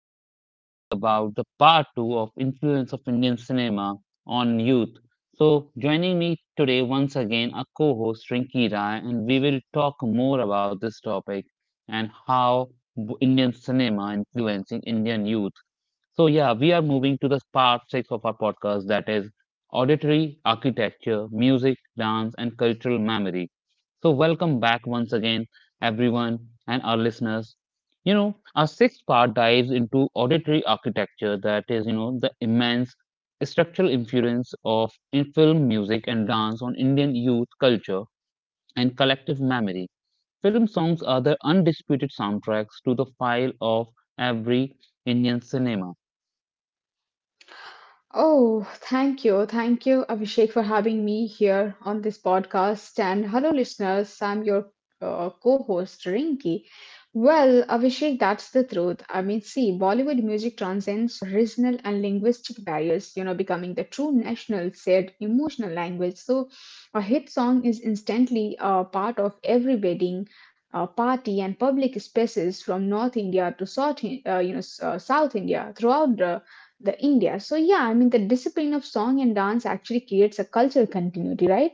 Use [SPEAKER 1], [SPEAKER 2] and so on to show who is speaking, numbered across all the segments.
[SPEAKER 1] We are talking about the part two of influence of Indian cinema on youth. So, joining me today once again are co-host Rinki Rai, and we will talk more about this topic and Indian cinema influencing Indian youth. So, yeah, we are moving to the part six of our podcast, that is auditory architecture, music, dance, and cultural memory. So, welcome back once again, everyone and our listeners. Our sixth part dives into auditory architecture, that is, the immense structural influence of in film, music, and dance on Indian youth culture and collective memory. Film songs are the undisputed soundtracks to the file of every Indian cinema.
[SPEAKER 2] Oh, thank you. Thank you, Abhishek, for having me here on this podcast. And hello, listeners. I'm your co host, Rinki. Well, Abhishek, that's the truth. I mean, see, Bollywood music transcends regional and linguistic barriers, you know, becoming the true national, said emotional language. So, a hit song is instantly a part of every wedding party and public spaces from North India to South, you know, South India throughout the India. So yeah, I mean the discipline of song and dance actually creates a cultural continuity, right?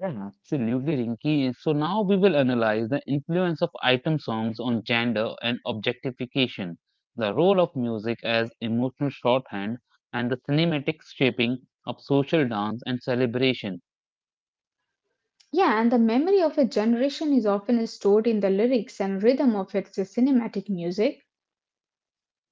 [SPEAKER 1] Yeah, absolutely, Rinki. So now we will analyze the influence of item songs on gender and objectification, the role of music as emotional shorthand, and the cinematic shaping of social dance and celebration.
[SPEAKER 2] Yeah, and the memory of a generation is often stored in the lyrics and rhythm of its cinematic music.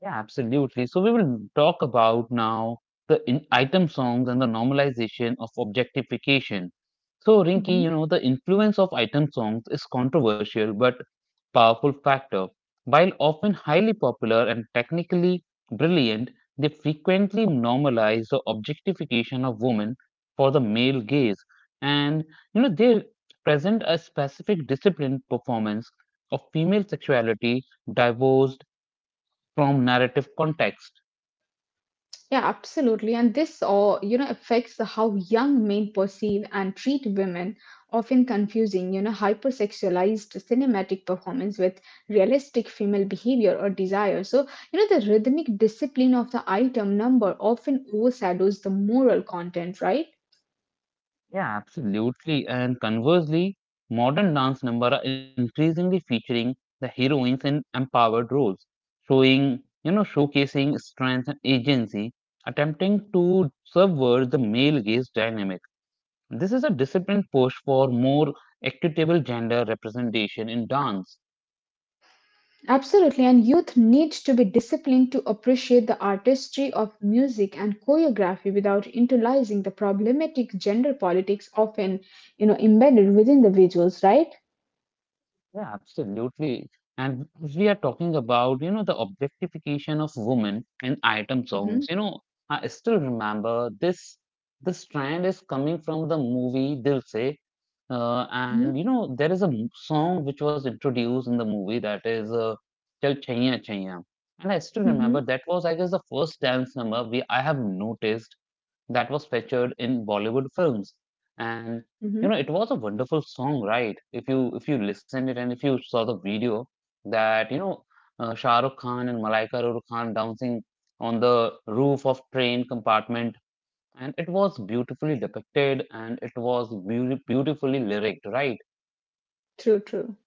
[SPEAKER 1] Yeah, absolutely. So we will talk about now the in item songs and the normalization of objectification. So Rinki, the influence of item songs is controversial but powerful factor. While often highly popular and technically brilliant, they frequently normalize the objectification of women for the male gaze. And they present a specific disciplined performance of female sexuality, divorced from narrative context.
[SPEAKER 2] Yeah, absolutely. And this all, you know, affects the how young men perceive and treat women, often confusing, you know, hypersexualized cinematic performance with realistic female behavior or desire. So, you know, the rhythmic discipline of the item number often overshadows the moral content, right?
[SPEAKER 1] Yeah, absolutely. And conversely, modern dance numbers are increasingly featuring the heroines in empowered roles, showcasing strength and agency, attempting to subvert the male gaze dynamic. This is a disciplined push for more equitable gender representation in dance.
[SPEAKER 2] Absolutely. And youth need to be disciplined to appreciate the artistry of music and choreography without internalizing the problematic gender politics often, you know, embedded within the visuals, right?
[SPEAKER 1] Yeah, absolutely. And we are talking about, the objectification of women in item
[SPEAKER 2] Mhm,
[SPEAKER 1] songs. You know, I still remember this. This trend is coming from the movie Dil Se, and
[SPEAKER 2] mhm,
[SPEAKER 1] you know, there is a song which was introduced in the movie that is "Chal Chaiya Chaiya," and I still remember
[SPEAKER 2] mhm,
[SPEAKER 1] that was, I guess, the first dance number we I have noticed that was featured in Bollywood films. And
[SPEAKER 2] mhm.
[SPEAKER 1] you know, it was a wonderful song, right? If you listened it and if you saw the video that Shah Rukh Khan and Malaika Rukh Khan dancing on the roof of train compartment, and it was beautifully depicted and it was beautifully lyric, right?
[SPEAKER 2] True, true.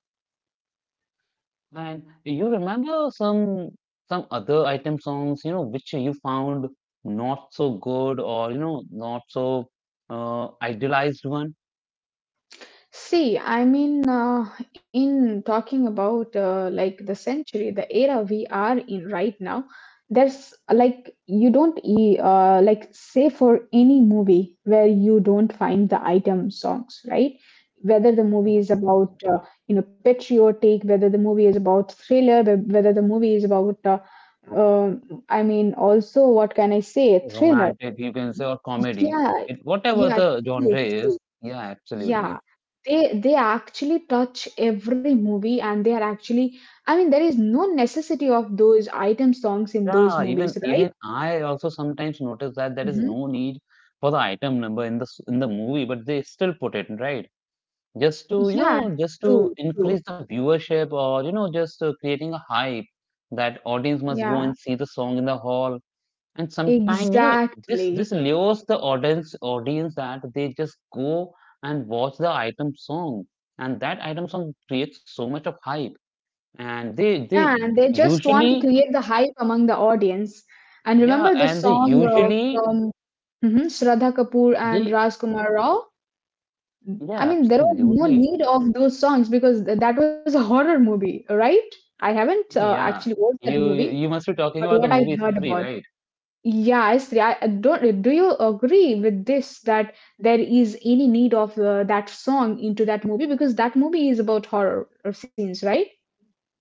[SPEAKER 1] And you remember some other item songs, you know, which you found not so good or you know not so idealized one?
[SPEAKER 2] See, I mean, in talking about like the century, the era we are in right now, there's like you don't like say for any movie where you don't find the item songs, right? Whether the
[SPEAKER 1] Yeah,
[SPEAKER 2] movie is
[SPEAKER 1] absolutely, yeah.
[SPEAKER 2] about you know patriotic, whether the movie is about thriller, whether the movie is about uh, I mean, also what can I say, thriller.
[SPEAKER 1] Romantic, you can say, or comedy,
[SPEAKER 2] Yeah,
[SPEAKER 1] it whatever
[SPEAKER 2] yeah,
[SPEAKER 1] the genre
[SPEAKER 2] true,
[SPEAKER 1] is.
[SPEAKER 2] true.
[SPEAKER 1] Yeah,
[SPEAKER 2] Yeah.
[SPEAKER 1] absolutely.
[SPEAKER 2] They actually touch every movie and they are actually, I mean, there is no necessity of those item songs in those
[SPEAKER 1] Yeah, even
[SPEAKER 2] movies, right?
[SPEAKER 1] even I also sometimes notice that there is
[SPEAKER 2] Hmm.
[SPEAKER 1] no need for the item number in the movie, but they still put it right just to you
[SPEAKER 2] Yeah,
[SPEAKER 1] know just to
[SPEAKER 2] true,
[SPEAKER 1] increase
[SPEAKER 2] true.
[SPEAKER 1] the viewership or you know just creating a hype that audience must go
[SPEAKER 2] Yeah,
[SPEAKER 1] and see the song in the hall. And sometime you know this
[SPEAKER 2] exactly.
[SPEAKER 1] lures the audience that they just go and watch the item song, and that item song creates so much of hype, and
[SPEAKER 2] Yeah,
[SPEAKER 1] they
[SPEAKER 2] and they just want to
[SPEAKER 1] usually.
[SPEAKER 2] create the hype among the audience. And
[SPEAKER 1] Yeah,
[SPEAKER 2] remember this
[SPEAKER 1] and they
[SPEAKER 2] song
[SPEAKER 1] usually
[SPEAKER 2] from mhm, Shraddha Kapoor and
[SPEAKER 1] they,
[SPEAKER 2] Rajkumar Rao? I
[SPEAKER 1] yeah,
[SPEAKER 2] mean, there was no
[SPEAKER 1] absolutely.
[SPEAKER 2] need of those songs because that was a horror movie, right? I haven't
[SPEAKER 1] Yeah,
[SPEAKER 2] actually watched that
[SPEAKER 1] you you,
[SPEAKER 2] movie,
[SPEAKER 1] you must be talking
[SPEAKER 2] but
[SPEAKER 1] about the
[SPEAKER 2] what I
[SPEAKER 1] movie
[SPEAKER 2] heard
[SPEAKER 1] three,
[SPEAKER 2] about.
[SPEAKER 1] right?
[SPEAKER 2] Yeah, Sri, I don't. Do you agree with this that there is any need of that song into that movie because that movie is about horror scenes, right?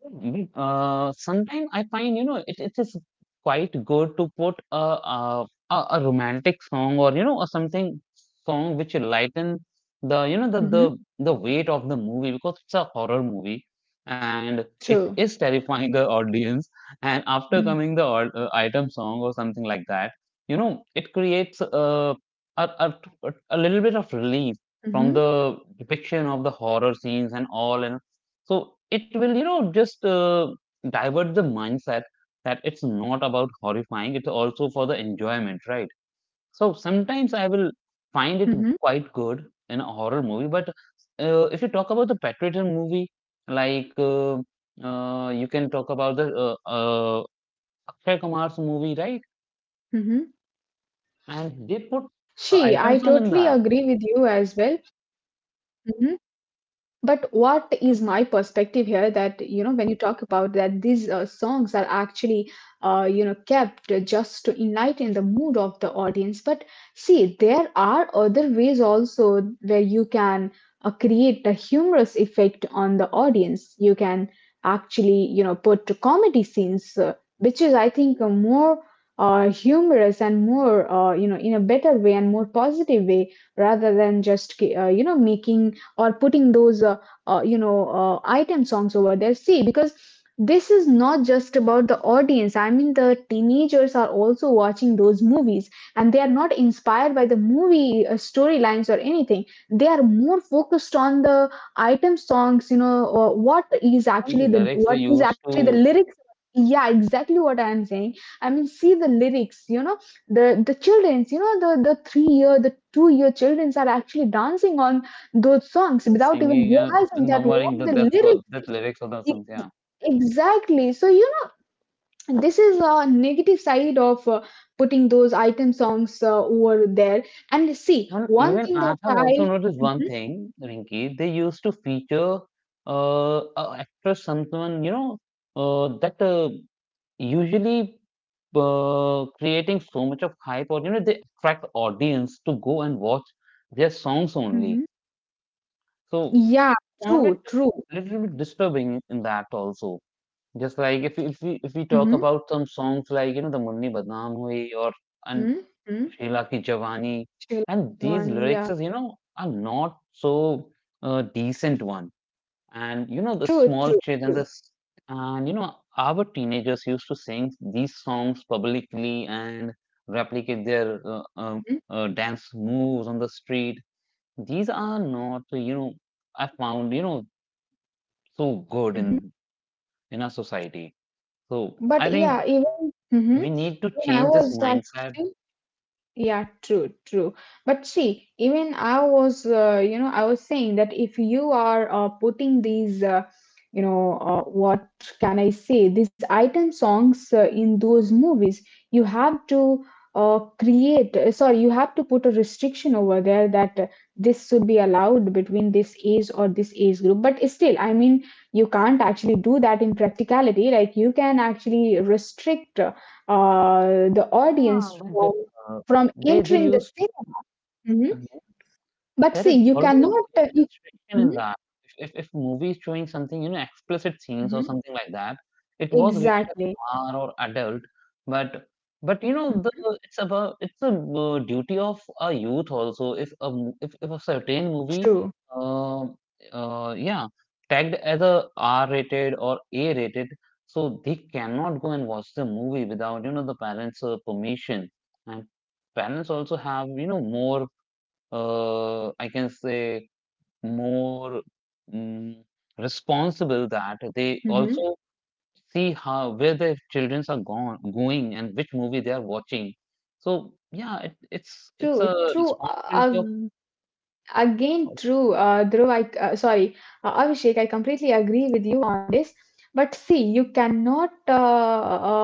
[SPEAKER 1] Mm, sometimes I find it is quite good to put a, a romantic song or you know or something song which will lighten the you know
[SPEAKER 2] Mm-hmm.
[SPEAKER 1] the weight of the movie because it's a horror movie and it
[SPEAKER 2] True.
[SPEAKER 1] is terrifying the audience, and after
[SPEAKER 2] Mm-hmm.
[SPEAKER 1] coming the item song or something like that, you know it creates a a, a a little bit of relief from
[SPEAKER 2] Mm-hmm.
[SPEAKER 1] the depiction of the horror scenes and all. And so it will, you know, just divert the mindset that it's not about horrifying, it's also for the enjoyment, right? So sometimes I will find it quite good in a horror movie, but if you talk about the patriotism movie, like you can talk about the Akshay Kumar's movie, right?
[SPEAKER 2] Mm-hmm.
[SPEAKER 1] And they
[SPEAKER 2] She,
[SPEAKER 1] put
[SPEAKER 2] I
[SPEAKER 1] a
[SPEAKER 2] totally
[SPEAKER 1] item
[SPEAKER 2] agree
[SPEAKER 1] song
[SPEAKER 2] with
[SPEAKER 1] in
[SPEAKER 2] you
[SPEAKER 1] that.
[SPEAKER 2] as well. Mhm. But what is my
[SPEAKER 1] So
[SPEAKER 2] perspective here that you know when you talk about that these songs are actually you know kept just to enlighten the mood of the audience, but see there are other ways also where you can create a humorous effect on the audience. You can actually, you know, put comedy scenes, which is I think a more humorous and more you know in a better way and more positive way rather than just you know making or putting those you know item songs over there. See, because this is not just about the audience, I mean the teenagers are also watching those movies, and they are not inspired by the movie storylines or anything. They are more focused on the item songs, you know,
[SPEAKER 1] all the lyrics they
[SPEAKER 2] what is
[SPEAKER 1] used
[SPEAKER 2] actually
[SPEAKER 1] to
[SPEAKER 2] the lyrics. Yeah, exactly what I'm saying. I mean, see the lyrics, you know, the children's you know the 2 year children's are actually dancing on those songs without even
[SPEAKER 1] singing
[SPEAKER 2] realizing
[SPEAKER 1] and
[SPEAKER 2] that what
[SPEAKER 1] murmuring
[SPEAKER 2] the lyrics.
[SPEAKER 1] that lyrics of the
[SPEAKER 2] e-
[SPEAKER 1] songs, yeah.
[SPEAKER 2] exactly, so you know this is a negative side of putting those item songs over there, and see
[SPEAKER 1] Well,
[SPEAKER 2] one
[SPEAKER 1] even
[SPEAKER 2] thing
[SPEAKER 1] I
[SPEAKER 2] that
[SPEAKER 1] have also
[SPEAKER 2] I.
[SPEAKER 1] noticed one
[SPEAKER 2] Mhm,
[SPEAKER 1] thing, Rinki. They used to feature a actress, someone you know uh, that usually creating so much of hype, or you know, they attract audience to go and watch their songs only.
[SPEAKER 2] mhm.
[SPEAKER 1] So
[SPEAKER 2] Yeah,
[SPEAKER 1] found
[SPEAKER 2] true,
[SPEAKER 1] it
[SPEAKER 2] true.
[SPEAKER 1] a little bit disturbing in that also. Just like if we talk
[SPEAKER 2] Mm-hmm,
[SPEAKER 1] about some songs like you know the Munni Badnaam Hui or and
[SPEAKER 2] mm-hmm. Mm-hmm.
[SPEAKER 1] Sheila Ki Jawani,
[SPEAKER 2] Sheila
[SPEAKER 1] and these
[SPEAKER 2] Johnny,
[SPEAKER 1] lyrics,
[SPEAKER 2] yeah.
[SPEAKER 1] is, you know, are not so decent one. And you know, the
[SPEAKER 2] True,
[SPEAKER 1] small
[SPEAKER 2] true,
[SPEAKER 1] kids and
[SPEAKER 2] true.
[SPEAKER 1] this, and you know, our teenagers used to sing these songs publicly and replicate their
[SPEAKER 2] Mhm,
[SPEAKER 1] dance moves on the street. These are not, you know, I found, you know, so good
[SPEAKER 2] mhm.
[SPEAKER 1] in our society. So I
[SPEAKER 2] But
[SPEAKER 1] think
[SPEAKER 2] yeah, even. Mhm.
[SPEAKER 1] we need to
[SPEAKER 2] Even I
[SPEAKER 1] change this
[SPEAKER 2] was
[SPEAKER 1] mindset.
[SPEAKER 2] actually. Yeah, true, true. But see, even I was, you know, I was saying that if you are putting these, you know, what can I say, these item songs in those movies, you have to create, sorry, you have to put a restriction over there that this should be allowed between this age or this age group. But still, I mean, you can't actually do that in practicality. Like, you can actually restrict the
[SPEAKER 1] Yeah,
[SPEAKER 2] audience
[SPEAKER 1] but uh,
[SPEAKER 2] from entering
[SPEAKER 1] they
[SPEAKER 2] the city.
[SPEAKER 1] used
[SPEAKER 2] Mhm.
[SPEAKER 1] to
[SPEAKER 2] But
[SPEAKER 1] there
[SPEAKER 2] see,
[SPEAKER 1] is
[SPEAKER 2] you
[SPEAKER 1] always
[SPEAKER 2] cannot.
[SPEAKER 1] a age
[SPEAKER 2] You.
[SPEAKER 1] restriction in
[SPEAKER 2] Mhm.
[SPEAKER 1] that. If movie is showing something, you know, explicit scenes
[SPEAKER 2] Mhm.
[SPEAKER 1] or something like that, it was rated as
[SPEAKER 2] Exactly.
[SPEAKER 1] R or adult, but but you know,
[SPEAKER 2] Mhm.
[SPEAKER 1] the it's about it's a duty of a youth also. If a certain movie,
[SPEAKER 2] True.
[SPEAKER 1] uh, yeah, tagged as a R rated or A rated, so they cannot go and watch the movie without you know the parents' permission. And parents also have, you know, more, I can say, more mm, responsible that they
[SPEAKER 2] Hmm.
[SPEAKER 1] also see how where their children are gone going and which movie they are watching. So yeah, it's
[SPEAKER 2] True.
[SPEAKER 1] a
[SPEAKER 2] True.
[SPEAKER 1] responsibility
[SPEAKER 2] Again,
[SPEAKER 1] of
[SPEAKER 2] true. Dhruv, I, sorry, Abhishek, I completely agree with you on this. But see, you cannot, uh,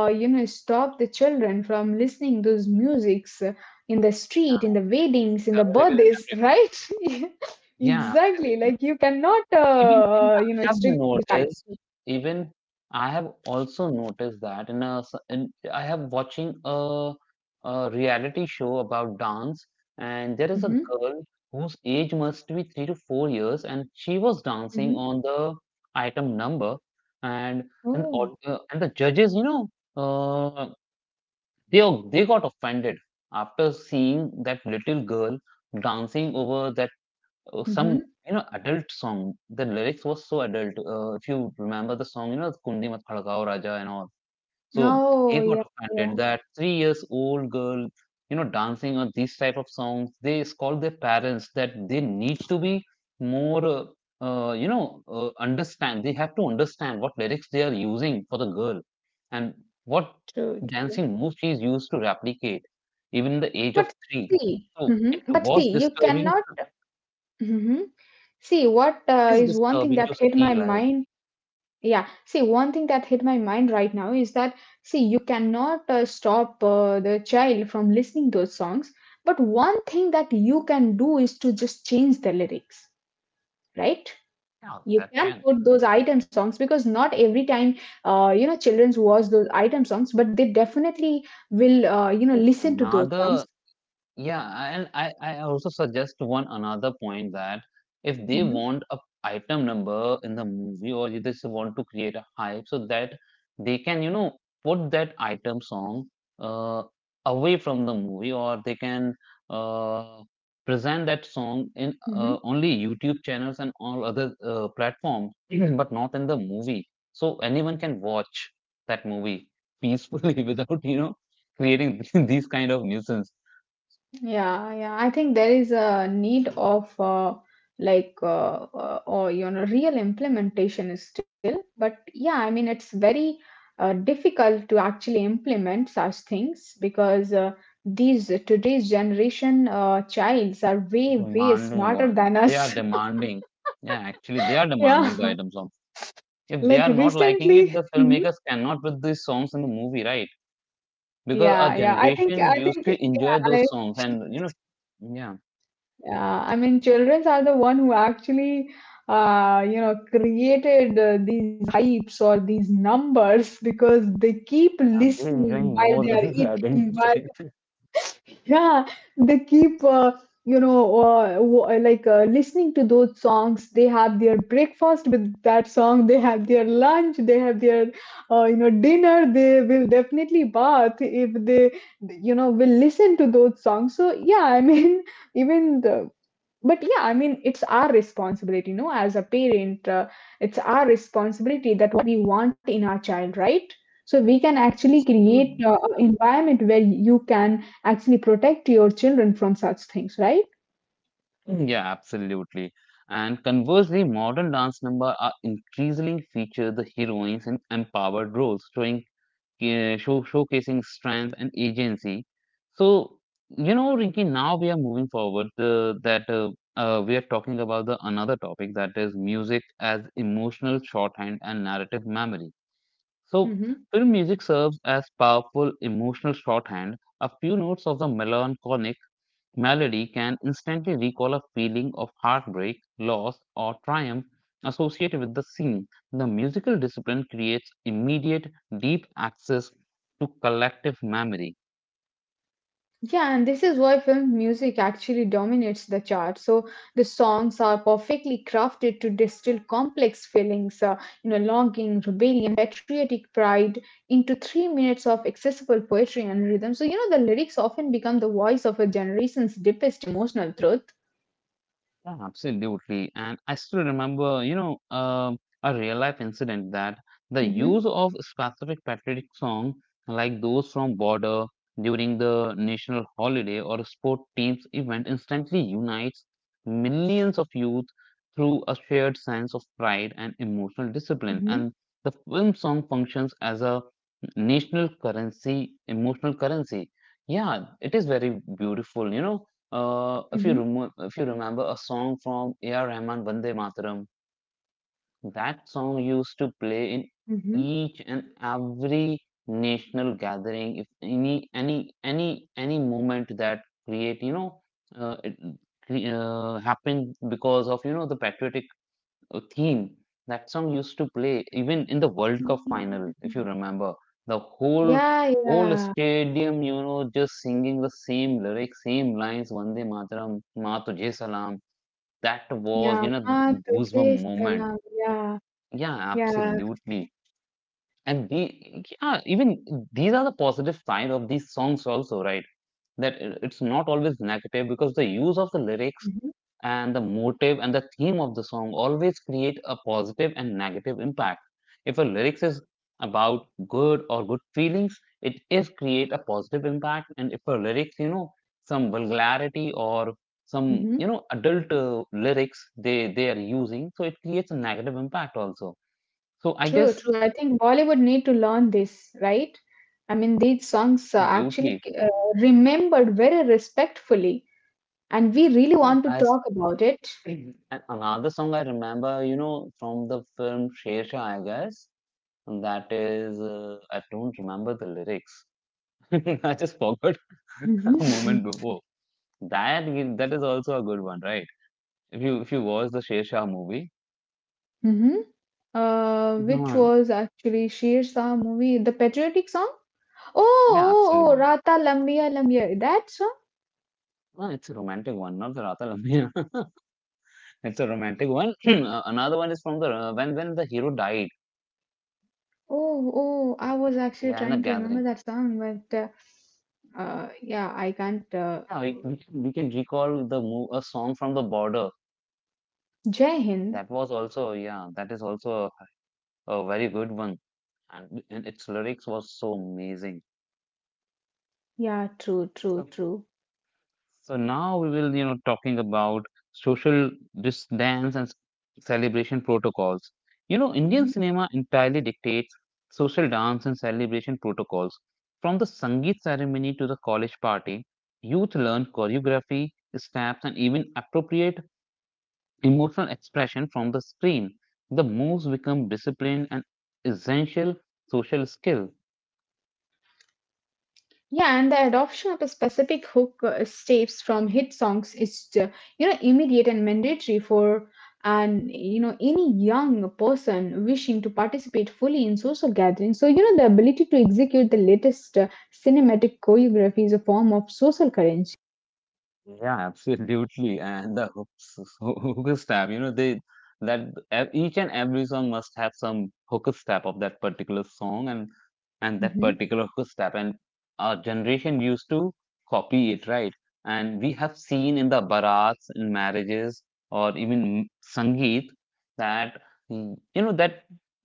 [SPEAKER 2] uh, you know, stop the children from listening those musics in the street, in the
[SPEAKER 1] parents.
[SPEAKER 2] weddings,
[SPEAKER 1] It's
[SPEAKER 2] in the
[SPEAKER 1] available in
[SPEAKER 2] birthdays,
[SPEAKER 1] every.
[SPEAKER 2] right?
[SPEAKER 1] Yeah,
[SPEAKER 2] Exactly.
[SPEAKER 1] absolutely.
[SPEAKER 2] Like you cannot,
[SPEAKER 1] Even even
[SPEAKER 2] you know,
[SPEAKER 1] I have
[SPEAKER 2] restrict the
[SPEAKER 1] noticed, even I have also noticed that in I have watching a reality show about dance, and there is a
[SPEAKER 2] child.
[SPEAKER 1] girl whose age must be 3 to 4 years, and she was dancing
[SPEAKER 2] Mm-hmm.
[SPEAKER 1] on the item number, and
[SPEAKER 2] Oh.
[SPEAKER 1] the and the judges, you know, uh, they got offended after seeing that little girl dancing over that some
[SPEAKER 2] Mm-hmm.
[SPEAKER 1] you know adult song. The lyrics was so adult. If you remember the song, you know Kundi Mat Khadkao Raja and all. So they
[SPEAKER 2] No,
[SPEAKER 1] got
[SPEAKER 2] yeah,
[SPEAKER 1] offended
[SPEAKER 2] yeah,
[SPEAKER 1] that 3 years old girl, you know, dancing on these type of songs. They scold their parents that they need to be more. You know, understand. They have to understand what lyrics they are using for the girl, and what
[SPEAKER 2] true, true.
[SPEAKER 1] dancing moves she's used to replicate, even the age
[SPEAKER 2] But
[SPEAKER 1] of three.
[SPEAKER 2] see,
[SPEAKER 1] So it
[SPEAKER 2] mm-hmm, but
[SPEAKER 1] was
[SPEAKER 2] see, you
[SPEAKER 1] disturbing,
[SPEAKER 2] cannot. Mm-hmm. See, what
[SPEAKER 1] it is
[SPEAKER 2] is one thing
[SPEAKER 1] disturbing to
[SPEAKER 2] that hit my
[SPEAKER 1] see like,
[SPEAKER 2] mind? Yeah, see, one thing that hit my mind right now is that, see, you cannot stop the child from listening those songs, but one thing that you can do is to just change the lyrics, right?
[SPEAKER 1] yeah, that
[SPEAKER 2] You
[SPEAKER 1] can.
[SPEAKER 2] can put those item songs because not every time you know children's watch those item songs, but they definitely will you know
[SPEAKER 1] It's
[SPEAKER 2] listen to those songs.
[SPEAKER 1] another. Yeah, and I also suggest one another point that if they
[SPEAKER 2] Hmm.
[SPEAKER 1] want a item number in the movie or they just want to create a hype so that they can, you know, put that item song uh, away from the movie, or they can uh, present that song in
[SPEAKER 2] Hmm.
[SPEAKER 1] only YouTube channels and all other platforms, but not in the movie. So anyone can watch that movie peacefully without, you know, creating these kind of nuisance.
[SPEAKER 2] Yeah, yeah, I think there is a need of like or you know real implementation is still, but yeah I mean it's very difficult to actually implement such things because these today's generation childs are way
[SPEAKER 1] Demanding
[SPEAKER 2] smarter
[SPEAKER 1] one.
[SPEAKER 2] than
[SPEAKER 1] They are
[SPEAKER 2] us.
[SPEAKER 1] demanding. Yeah, actually, they are demanding the
[SPEAKER 2] Yeah.
[SPEAKER 1] item song. If they
[SPEAKER 2] Like
[SPEAKER 1] are not liking it,
[SPEAKER 2] recently,
[SPEAKER 1] the
[SPEAKER 2] mhm.
[SPEAKER 1] filmmakers cannot put these songs in the movie, right?
[SPEAKER 2] Yeah,
[SPEAKER 1] Because our
[SPEAKER 2] yeah. I
[SPEAKER 1] generation
[SPEAKER 2] think,
[SPEAKER 1] used to enjoy those songs, and you know, yeah,
[SPEAKER 2] yeah. I mean, childrens are the one who actually, you know, created these hypes or these numbers because they keep
[SPEAKER 1] and they're
[SPEAKER 2] listening
[SPEAKER 1] enjoying
[SPEAKER 2] while
[SPEAKER 1] more
[SPEAKER 2] they
[SPEAKER 1] than
[SPEAKER 2] are
[SPEAKER 1] the
[SPEAKER 2] eating,
[SPEAKER 1] adults.
[SPEAKER 2] while. Yeah, they keep, you know, like listening to those songs. They have their breakfast with that song. They have their lunch. They have their, you know, dinner. They will definitely bath if they, you know, will listen to those songs. So yeah, I mean, even the. But yeah, I mean it's our responsibility, you know, as a parent, it's our responsibility that what we want in our child, right? So we can actually create
[SPEAKER 1] Absolutely.
[SPEAKER 2] an environment where you can actually protect your children from such things, right?
[SPEAKER 1] Yeah, absolutely. And conversely, modern dance number are increasingly feature the heroines in empowered roles, showing yeah, showcasing strength and agency. So, you know, Rinki, now we are moving forward that we are talking about the another topic that is music as emotional shorthand and narrative memory. So,
[SPEAKER 2] Hmm.
[SPEAKER 1] film music serves as powerful emotional shorthand. A few notes of the melancholic melody can instantly recall a feeling of heartbreak, loss, or triumph associated with the scene. The musical discipline creates immediate, deep access to collective memory.
[SPEAKER 2] Yeah, and this is why film music actually dominates the chart. So the songs are perfectly crafted to distill complex feelings, you know, longing, rebellion, patriotic pride into 3 minutes of accessible poetry and rhythm. So, you know, the lyrics often become the voice of a generation's deepest emotional truth.
[SPEAKER 1] Yeah, absolutely. And I still remember, you know, a real life incident that the use
[SPEAKER 2] Mm-hmm,
[SPEAKER 1] of specific patriotic song like those from Border during the national holiday or sport teams event instantly unites millions of youth through a shared sense of pride and emotional discipline.
[SPEAKER 2] mm-hmm,
[SPEAKER 1] And the film song functions as a national currency, emotional currency. Yeah, it is very beautiful, you know
[SPEAKER 2] mm-hmm,
[SPEAKER 1] if you remember a song from A.R. Rahman, Vande Mataram, that song used to play in
[SPEAKER 2] mm-hmm.
[SPEAKER 1] each and every national gathering. If any moment that create you know uh, it happened because of you know the patriotic a theme, that song used to play even in the World Cup final, if you remember. The whole
[SPEAKER 2] Yeah,
[SPEAKER 1] whole
[SPEAKER 2] yeah,
[SPEAKER 1] stadium, just singing the same lyrics, same lines, Vande Mataram, Ma Tujhe Salam. That
[SPEAKER 2] yeah.
[SPEAKER 1] was,
[SPEAKER 2] Maa tujhe
[SPEAKER 1] goosebump moment.
[SPEAKER 2] salam, yeah,
[SPEAKER 1] Yeah,
[SPEAKER 2] yeah.
[SPEAKER 1] absolutely. And the, yeah, even these are the positive side of these songs also, right? That it's not always negative because the use of the lyrics
[SPEAKER 2] Mm-hmm,
[SPEAKER 1] and the motive and the theme of the song always create a positive and negative impact. If a lyrics is about good or good feelings, it is create a positive impact. And if a lyrics, some vulgarity or some
[SPEAKER 2] mm-hmm.
[SPEAKER 1] adult lyrics they are using, so it creates a negative impact also. So I
[SPEAKER 2] True,
[SPEAKER 1] guess
[SPEAKER 2] true. I think Bollywood need to learn this, right? I mean, these songs are actually
[SPEAKER 1] absolutely.
[SPEAKER 2] uh, remembered very respectfully, and we really
[SPEAKER 1] Yeah,
[SPEAKER 2] want to
[SPEAKER 1] I s-
[SPEAKER 2] talk about it.
[SPEAKER 1] and another song I remember, from the film Sher Shah, I guess. That is, I don't remember the lyrics. I just forgot a
[SPEAKER 2] Hmm.
[SPEAKER 1] moment before. That is also a good one, right? If you watch the Sher Shah movie.
[SPEAKER 2] Hmm. Which
[SPEAKER 1] Mhm.
[SPEAKER 2] was actually Sher Shah movie, the patriotic song. Oh,
[SPEAKER 1] Yeah,
[SPEAKER 2] oh, oh,
[SPEAKER 1] absolutely.
[SPEAKER 2] Rata Lambiya Lambiya. That song?
[SPEAKER 1] No, it's a romantic one, not the Rata Lamia. It's a romantic one. Another one is from the when the hero died.
[SPEAKER 2] Oh, oh, I was actually
[SPEAKER 1] Yeah, in the
[SPEAKER 2] trying to remember
[SPEAKER 1] gathering.
[SPEAKER 2] that song, but yeah, I can't.
[SPEAKER 1] Yeah, we can recall the mo a song from the border.
[SPEAKER 2] Jai Hind.
[SPEAKER 1] That was also yeah, that is also a very good one, and its lyrics was so amazing.
[SPEAKER 2] Yeah, true, true, true.
[SPEAKER 1] So now we will, talking about social distance and celebration protocols. You know, Indian cinema entirely dictates social dance and celebration protocols. From the Sangeet ceremony to the college party, youth learn choreography, steps, and even appropriate emotional expression from the screen. The moves become disciplined and essential social skill.
[SPEAKER 2] Yeah, and the adoption of a specific hook stapes from hit songs is, you know, immediate and mandatory for and you know any young person wishing to participate fully in social gatherings. So you know the ability to execute the latest cinematic choreography is a form of social currency.
[SPEAKER 1] Yeah, absolutely. And the hooks, hooker stab, you know, they that each and every song must have some hooker stab of that particular song and that
[SPEAKER 2] Mhm.
[SPEAKER 1] particular hooker stab. And our generation used to copy it, right? And we have seen in the barats, in marriages, or even sangeet that you know that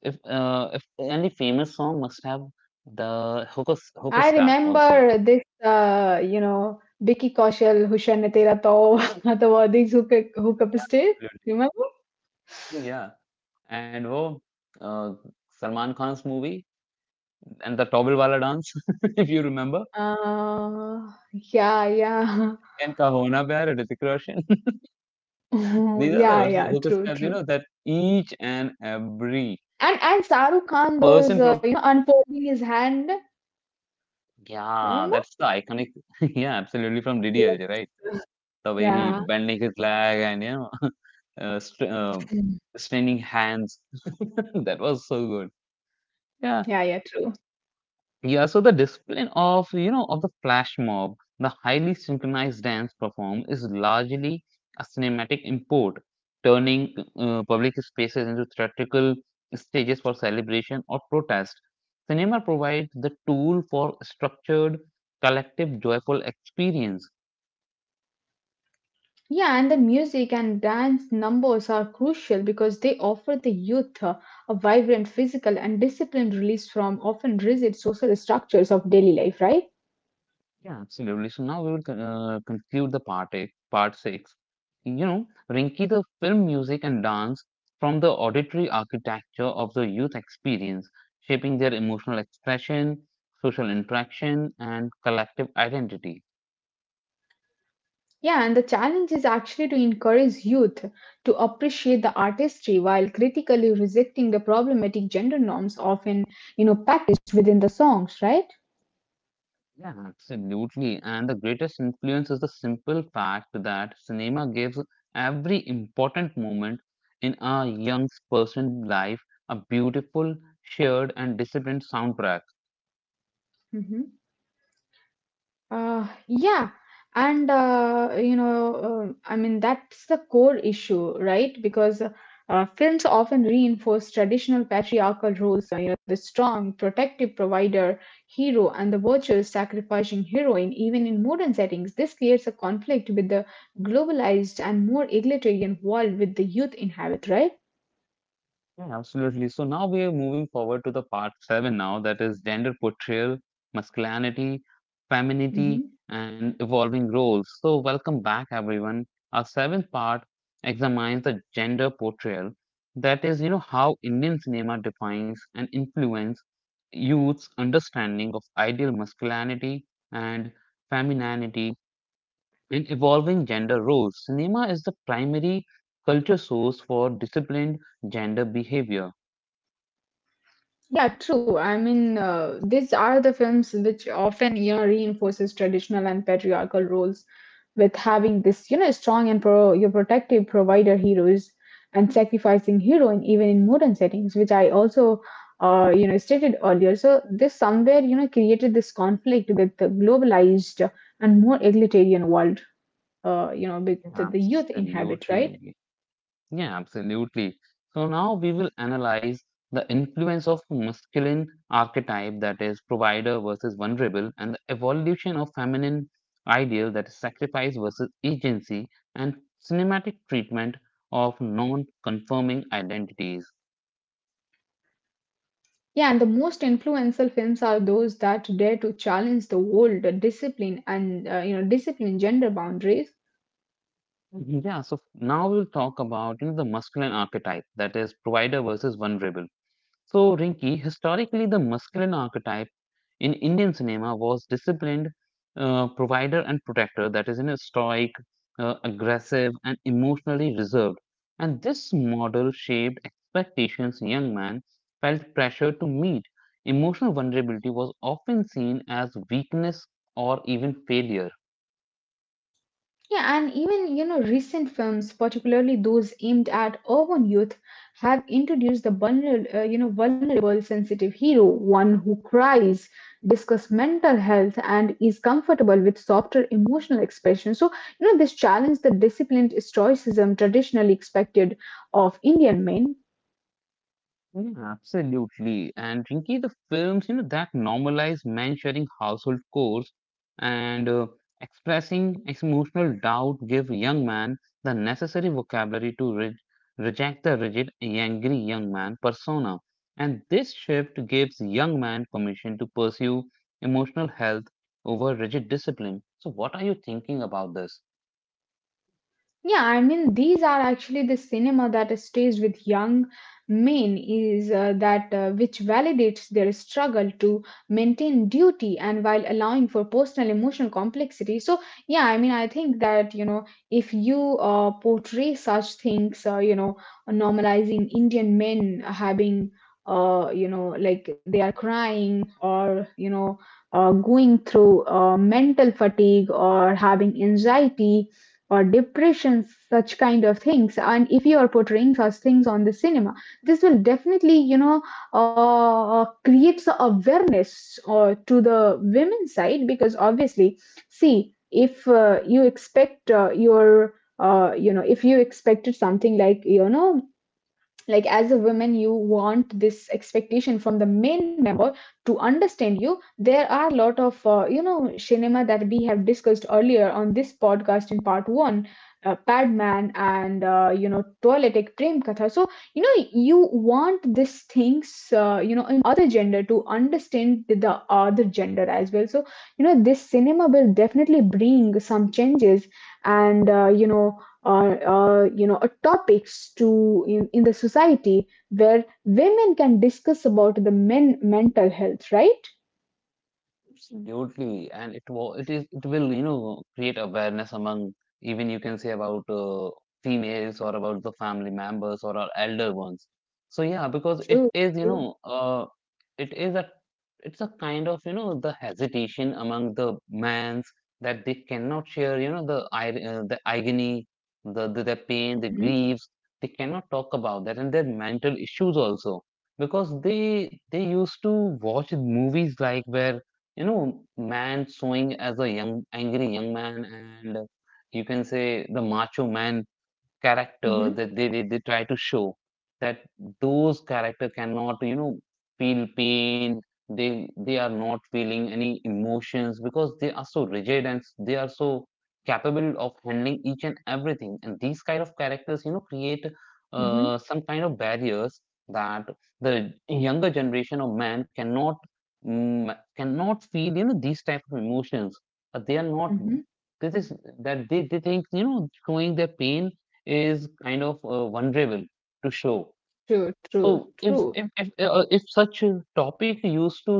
[SPEAKER 1] if any famous song must have the hooker
[SPEAKER 2] I
[SPEAKER 1] stab also.
[SPEAKER 2] remember this, you know, Vicky Kaushal, Hushan Ne Tera Tau, these hook up step.
[SPEAKER 1] Absolutely.
[SPEAKER 2] Remember?
[SPEAKER 1] Yeah. and oh, uh, Salman Khan's movie and the towel wala dance, if you remember,
[SPEAKER 2] Uh, yeah, yeah.
[SPEAKER 1] and Kahona Pyar, Hrithik Roshan. These are
[SPEAKER 2] Yeah,
[SPEAKER 1] the
[SPEAKER 2] yeah,
[SPEAKER 1] hooker
[SPEAKER 2] true,
[SPEAKER 1] steps, you
[SPEAKER 2] true.
[SPEAKER 1] know, that each and every
[SPEAKER 2] And Saruk Khan,
[SPEAKER 1] person
[SPEAKER 2] those
[SPEAKER 1] from
[SPEAKER 2] you know, unfolding his hand. Remember?
[SPEAKER 1] yeah, that's the iconic. Yeah, absolutely from
[SPEAKER 2] Yes.
[SPEAKER 1] Didi DDLJ, right? The
[SPEAKER 2] Yeah,
[SPEAKER 1] way he bending his leg and uh, str uh, straining hands. That was so good. Yeah.
[SPEAKER 2] yeah, yeah, true.
[SPEAKER 1] Yeah, so the discipline of, of the flash mob, the highly synchronized dance perform is largely a cinematic import, turning public spaces into theatrical stages for celebration or protest. Cinema provides the tool for structured, collective, joyful experience.
[SPEAKER 2] Yeah, and the music and dance numbers are crucial because they offer the youth a vibrant physical and disciplined release from often rigid social structures of daily life, right?
[SPEAKER 1] Yeah, absolutely. So now we will conclude the part eight, part six. You know, Rinki, the film music and dance from the auditory architecture of the youth experience, shaping their emotional expression, social interaction, and collective identity.
[SPEAKER 2] Yeah, and the challenge is actually to encourage youth to appreciate the artistry while critically rejecting the problematic gender norms often, you know, packaged within the songs, right?
[SPEAKER 1] Yeah, absolutely. And the greatest influence is the simple fact that cinema gives every important moment in a young person's life a beautiful, shared, and disciplined soundtrack.
[SPEAKER 2] Hmm. Yeah, and you know, I mean that's the core issue, right? Because films often reinforce traditional patriarchal roles, you know, the strong protective provider hero and the virtuous sacrificing heroine even in modern settings. This creates a conflict with the globalized and more egalitarian world with the youth inhabit, right?
[SPEAKER 1] Yeah, absolutely. So now we are moving forward to the part seven now, that is gender portrayal, masculinity, femininity,
[SPEAKER 2] Hmm.
[SPEAKER 1] and evolving roles. So welcome back, everyone. Our seventh part examines the gender portrayal, that is, you know, how Indian cinema defines and influence youth's understanding of ideal masculinity and femininity and evolving gender roles. Cinema is the primary culture source for disciplined gender behavior.
[SPEAKER 2] Yeah, true. I mean, these are the films which often, you know, reinforces traditional and patriarchal roles with having this, you know, strong and pro your protective provider heroes and sacrificing heroine even in modern settings, which I also, you know, stated earlier. So this somewhere, you know, created this conflict with the globalized and more egalitarian world, you know, with the youth inhabit,
[SPEAKER 1] Absolutely.
[SPEAKER 2] right?
[SPEAKER 1] Rinki. Yeah, absolutely. So now we will analyze the influence of masculine archetype that is provider versus vulnerable and the evolution of feminine ideal that is sacrifice versus agency and cinematic treatment of non-conforming identities.
[SPEAKER 2] Yeah, and the most influential films are those that dare to challenge the old discipline and discipline gender boundaries.
[SPEAKER 1] Mhm. Yeah, so now we'll talk about, you know, the masculine archetype that is provider versus vulnerable. So, Rinki, historically, the masculine archetype in Indian cinema was disciplined provider and protector, that is, in a stoic, aggressive, and emotionally reserved. And this model shaped expectations young man felt pressure to meet. Emotional vulnerability was often seen as weakness or even failure.
[SPEAKER 2] Yeah, and even recent films, particularly those aimed at urban youth, have introduced the vulnerable, vulnerable, sensitive hero, one who cries, discuss mental health, and is comfortable with softer emotional expression. So this challenge the disciplined stoicism traditionally expected of Indian men.
[SPEAKER 1] Absolutely. And Rinki, the films, you know, that normalize men sharing household chores and expressing emotional doubt give young man the necessary vocabulary to reject the rigid, angry young man persona. And this shift gives young man permission to pursue emotional health over rigid discipline. So what are you thinking about this?
[SPEAKER 2] Yeah, these are actually the cinema that stays with young men is that which validates their struggle to maintain duty and while allowing for personal emotional complexity. So, yeah, I mean, I think that, you know, if you portray such things, normalizing Indian men having like they are crying or going through mental fatigue or having anxiety or depression such kind of things, and if you are portraying such things on the cinema, this will definitely creates a awareness to the women side. Because obviously, see, if you expect your if you expected something like like as a woman, you want this expectation from the men to understand you. There are a lot of cinema that we have discussed earlier on this podcast in part 1, padman and toiletic prem katha. So you know you want these things in other gender to understand the other gender as well. So this cinema will definitely bring some changes and topics to in the society where women can discuss about the men mental health, right?
[SPEAKER 1] Absolutely, and it will you know create awareness among even you can say about females or about the family members or our elder ones. So yeah, because
[SPEAKER 2] True, true.
[SPEAKER 1] it is a it's a kind of you know the hesitation among the mans that they cannot share you know the agony the their pain the
[SPEAKER 2] Mm-hmm,
[SPEAKER 1] griefs they cannot talk about that and their mental issues also because they used to watch movies like where you know, man showing as a young, angry young man, and you can say the macho man character
[SPEAKER 2] mm-hmm,
[SPEAKER 1] that they try to show that those character cannot you know feel pain they are not feeling any emotions because they are so rigid and they are so capable of handling each and everything and these kind of characters you know create
[SPEAKER 2] mm-hmm,
[SPEAKER 1] some kind of barriers that the younger generation of man cannot cannot feel you know these type of emotions. They are not
[SPEAKER 2] mm-hmm.
[SPEAKER 1] this is that they think you know showing their pain is kind of vulnerable to show.
[SPEAKER 2] True,
[SPEAKER 1] So
[SPEAKER 2] true, true.
[SPEAKER 1] if such a topic used to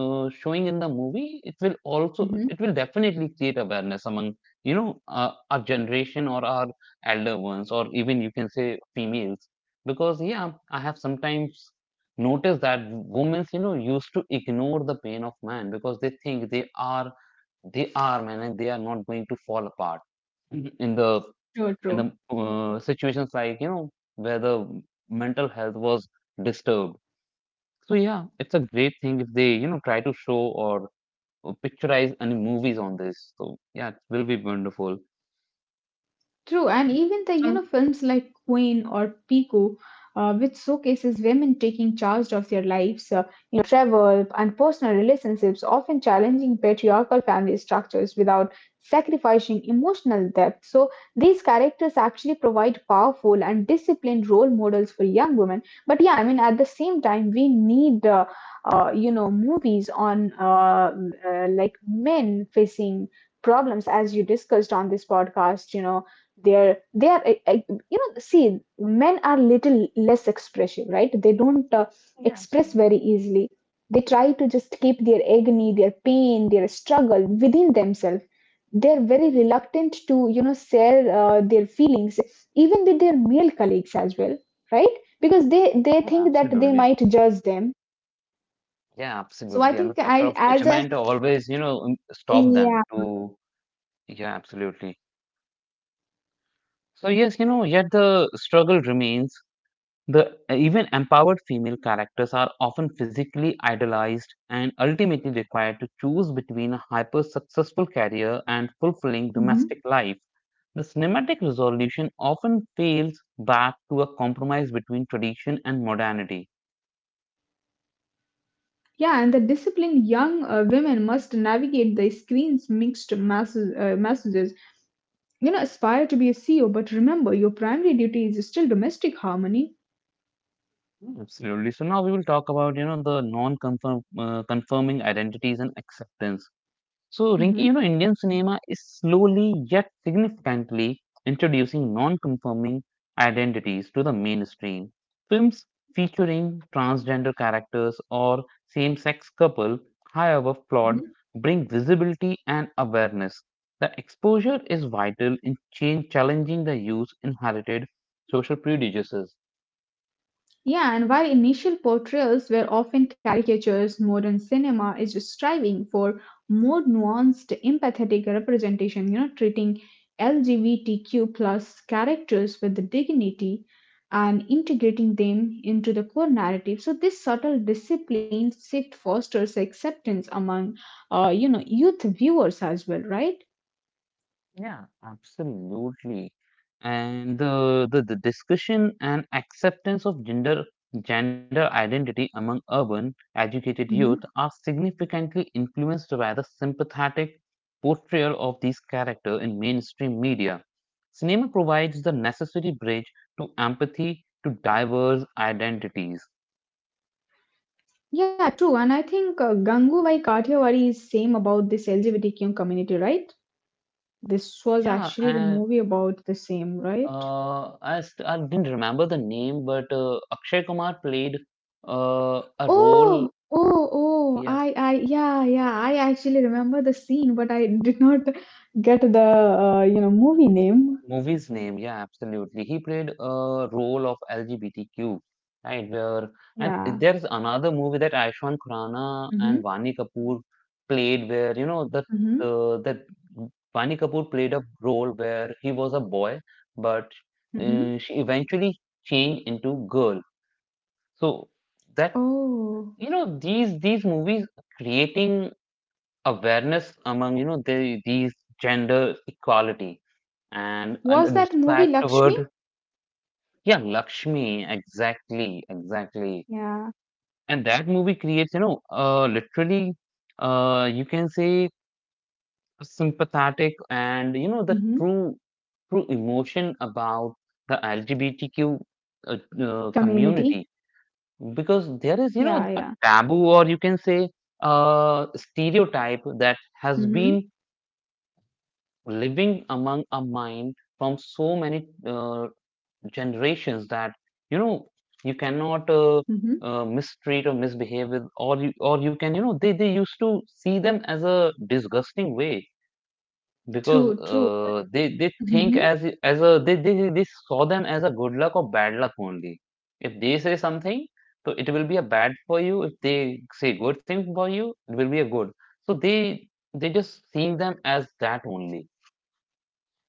[SPEAKER 1] showing in the movie,
[SPEAKER 2] Mm-hmm.
[SPEAKER 1] it will definitely create awareness among our generation or our elder ones or even you can say females because yeah I have sometimes noticed that women you know used to ignore the pain of man because they think they are man and they are not going to fall apart in the
[SPEAKER 2] True,
[SPEAKER 1] in
[SPEAKER 2] true.
[SPEAKER 1] the situations like you know where the mental health was disturbed so yeah it's a great thing if they you know try to show or, or picturize any movies on this so yeah it will be wonderful.
[SPEAKER 2] True, and even the
[SPEAKER 1] So
[SPEAKER 2] films like Queen or Pico, which showcases women taking charge of their lives, travel and personal relationships, often challenging patriarchal family structures without sacrificing emotional depth. So these characters actually provide powerful and disciplined role models for young women. But yeah, I mean, at the same time, we need movies on like men facing problems as you discussed on this podcast. They're they are I- you know see, men are little less expressive, right? They don't
[SPEAKER 1] yeah
[SPEAKER 2] express
[SPEAKER 1] absolutely.
[SPEAKER 2] very easily. They try to just keep their agony, their pain, their struggle within themselves. They're very reluctant to share their feelings even with their male colleagues as well, right? Because they
[SPEAKER 1] yeah
[SPEAKER 2] think that they
[SPEAKER 1] absolutely
[SPEAKER 2] might judge them.
[SPEAKER 1] yeah
[SPEAKER 2] So I
[SPEAKER 1] absolutely and the
[SPEAKER 2] think
[SPEAKER 1] factor
[SPEAKER 2] I
[SPEAKER 1] of
[SPEAKER 2] as a
[SPEAKER 1] judgment always you know stop them
[SPEAKER 2] yeah.
[SPEAKER 1] to. Yeah absolutely. So yes you know yet the struggle remains. The even empowered female characters are often physically idolized and ultimately required to choose between a hyper successful career and fulfilling
[SPEAKER 2] Mhm.
[SPEAKER 1] domestic life. The cinematic resolution often fails back to a compromise between tradition and modernity.
[SPEAKER 2] Yeah, and the disciplined young women must navigate the screen's mixed messages. You know, aspire to be a CEO, but remember your primary duty is still domestic harmony.
[SPEAKER 1] Absolutely. So now we will talk about you know the non-confirm confirming identities and acceptance. So, Rinki,
[SPEAKER 2] Hmm.
[SPEAKER 1] you know, Indian cinema is slowly yet significantly introducing non conforming identities to the mainstream. Films featuring transgender characters or same sex couple, however flawed, bring visibility and awareness. The exposure is vital in change, challenging the youth's inherited social prejudices.
[SPEAKER 2] Yeah, and while initial portrayals were often caricatures, modern cinema is striving for more nuanced, empathetic representation, you know, treating LGBTQ plus characters with the dignity and integrating them into the core narrative. So this subtle discipline shift fosters acceptance among, youth viewers as well, right?
[SPEAKER 1] Yeah, absolutely. And the discussion and acceptance of gender identity among urban educated youth
[SPEAKER 2] Mhm.
[SPEAKER 1] are significantly influenced by the sympathetic portrayal of these characters in mainstream media. Cinema provides the necessary bridge to empathy to diverse identities.
[SPEAKER 2] Yeah, true. And I think Gangubai Kathiawadi is same about this LGBTQ community, right? This was
[SPEAKER 1] Yeah,
[SPEAKER 2] actually the
[SPEAKER 1] and
[SPEAKER 2] movie about the same, right?
[SPEAKER 1] I didn't remember the name, but Akshay Kumar played a role.
[SPEAKER 2] Oh, oh, oh,
[SPEAKER 1] Yeah,
[SPEAKER 2] yeah, yeah, I actually remember the scene, but I did not get the, movie name.
[SPEAKER 1] movie's name, yeah, absolutely. He played a role of LGBTQ, right? Where and
[SPEAKER 2] Yeah.
[SPEAKER 1] there's another movie that Ayushmann Khurrana and
[SPEAKER 2] Mm-hmm.
[SPEAKER 1] Vani Kapoor played, where you know that
[SPEAKER 2] Mm-hmm.
[SPEAKER 1] that Vani Kapoor played a role where he was a boy, but
[SPEAKER 2] Mm-hmm.
[SPEAKER 1] she eventually changed into girl. So that
[SPEAKER 2] Oh,
[SPEAKER 1] you know these movies creating awareness among you know these gender equality and a
[SPEAKER 2] was that movie
[SPEAKER 1] respect
[SPEAKER 2] Lakshmi?
[SPEAKER 1] toward. Yeah, Lakshmi, exactly, exactly.
[SPEAKER 2] Yeah.
[SPEAKER 1] And that movie creates, you know, literally, you can say a sympathetic and, you know, the
[SPEAKER 2] Mm-hmm.
[SPEAKER 1] true emotion about the LGBTQ uh,
[SPEAKER 2] Community.
[SPEAKER 1] community because there is, you know,
[SPEAKER 2] Yeah,
[SPEAKER 1] a
[SPEAKER 2] yeah.
[SPEAKER 1] taboo or you can say stereotype that has
[SPEAKER 2] Mm-hmm.
[SPEAKER 1] been living among our mind from so many generations that you know you cannot
[SPEAKER 2] Mm-hmm.
[SPEAKER 1] mistreat or misbehave with or you can you know they used to see them as a disgusting way because
[SPEAKER 2] True, true.
[SPEAKER 1] they think as a they saw them as a good luck or bad luck only. If they say something so it will be a bad for you, if they say good thing for you it will be a good, so they just seeing them as that only.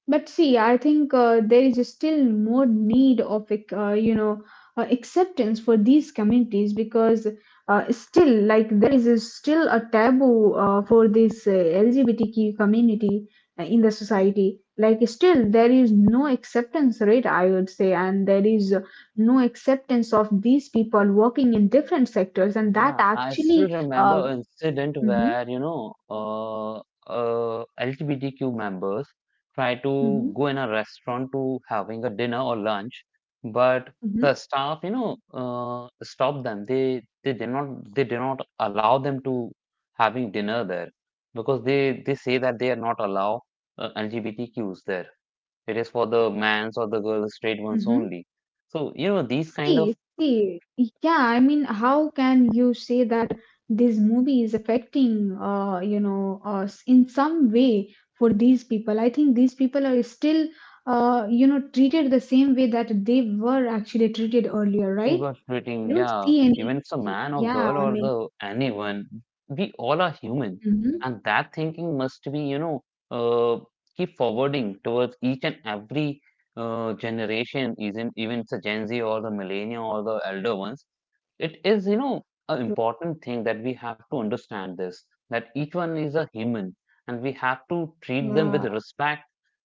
[SPEAKER 2] But see, I think there is still more need of acceptance for these communities. Because still, like, there is a- still a taboo for this LGBTQ community in the society. Like still there is no acceptance rate, I would say, and there is no acceptance of these people working in different sectors, and that
[SPEAKER 1] Yeah, I still
[SPEAKER 2] actually.
[SPEAKER 1] remember an
[SPEAKER 2] Uh,
[SPEAKER 1] incident where, you
[SPEAKER 2] mhm,
[SPEAKER 1] know, uh, LGBTQ members try to
[SPEAKER 2] mhm,
[SPEAKER 1] go in a restaurant to having a dinner or lunch, but
[SPEAKER 2] mhm,
[SPEAKER 1] the staff, you know, stopped them. They did not allow them to having dinner there because they say that they are not allow LGBTQs there. It is for the mans or the girls, straight ones
[SPEAKER 2] mhm.
[SPEAKER 1] only. So, you know, these kind
[SPEAKER 2] See,
[SPEAKER 1] of
[SPEAKER 2] see, yeah, I mean, how can you say that this movie is affecting, us in some way for these people? I think these people are still, treated the same way that they were actually treated earlier,
[SPEAKER 1] we
[SPEAKER 2] right?
[SPEAKER 1] were
[SPEAKER 2] I
[SPEAKER 1] treating,
[SPEAKER 2] don't
[SPEAKER 1] yeah,
[SPEAKER 2] see any,
[SPEAKER 1] even if it's a man or
[SPEAKER 2] yeah,
[SPEAKER 1] girl
[SPEAKER 2] I
[SPEAKER 1] or
[SPEAKER 2] mean,
[SPEAKER 1] the anyone, we all are human,
[SPEAKER 2] mm-hmm,
[SPEAKER 1] and that thinking must be, you know, uh, keep forwarding towards each and every generation, isn't even it's a Gen Z or the millennial or the elder ones. It is, you know, an important thing that we have to understand this, that each one is a human and we have to treat them with
[SPEAKER 2] yeah,
[SPEAKER 1] respect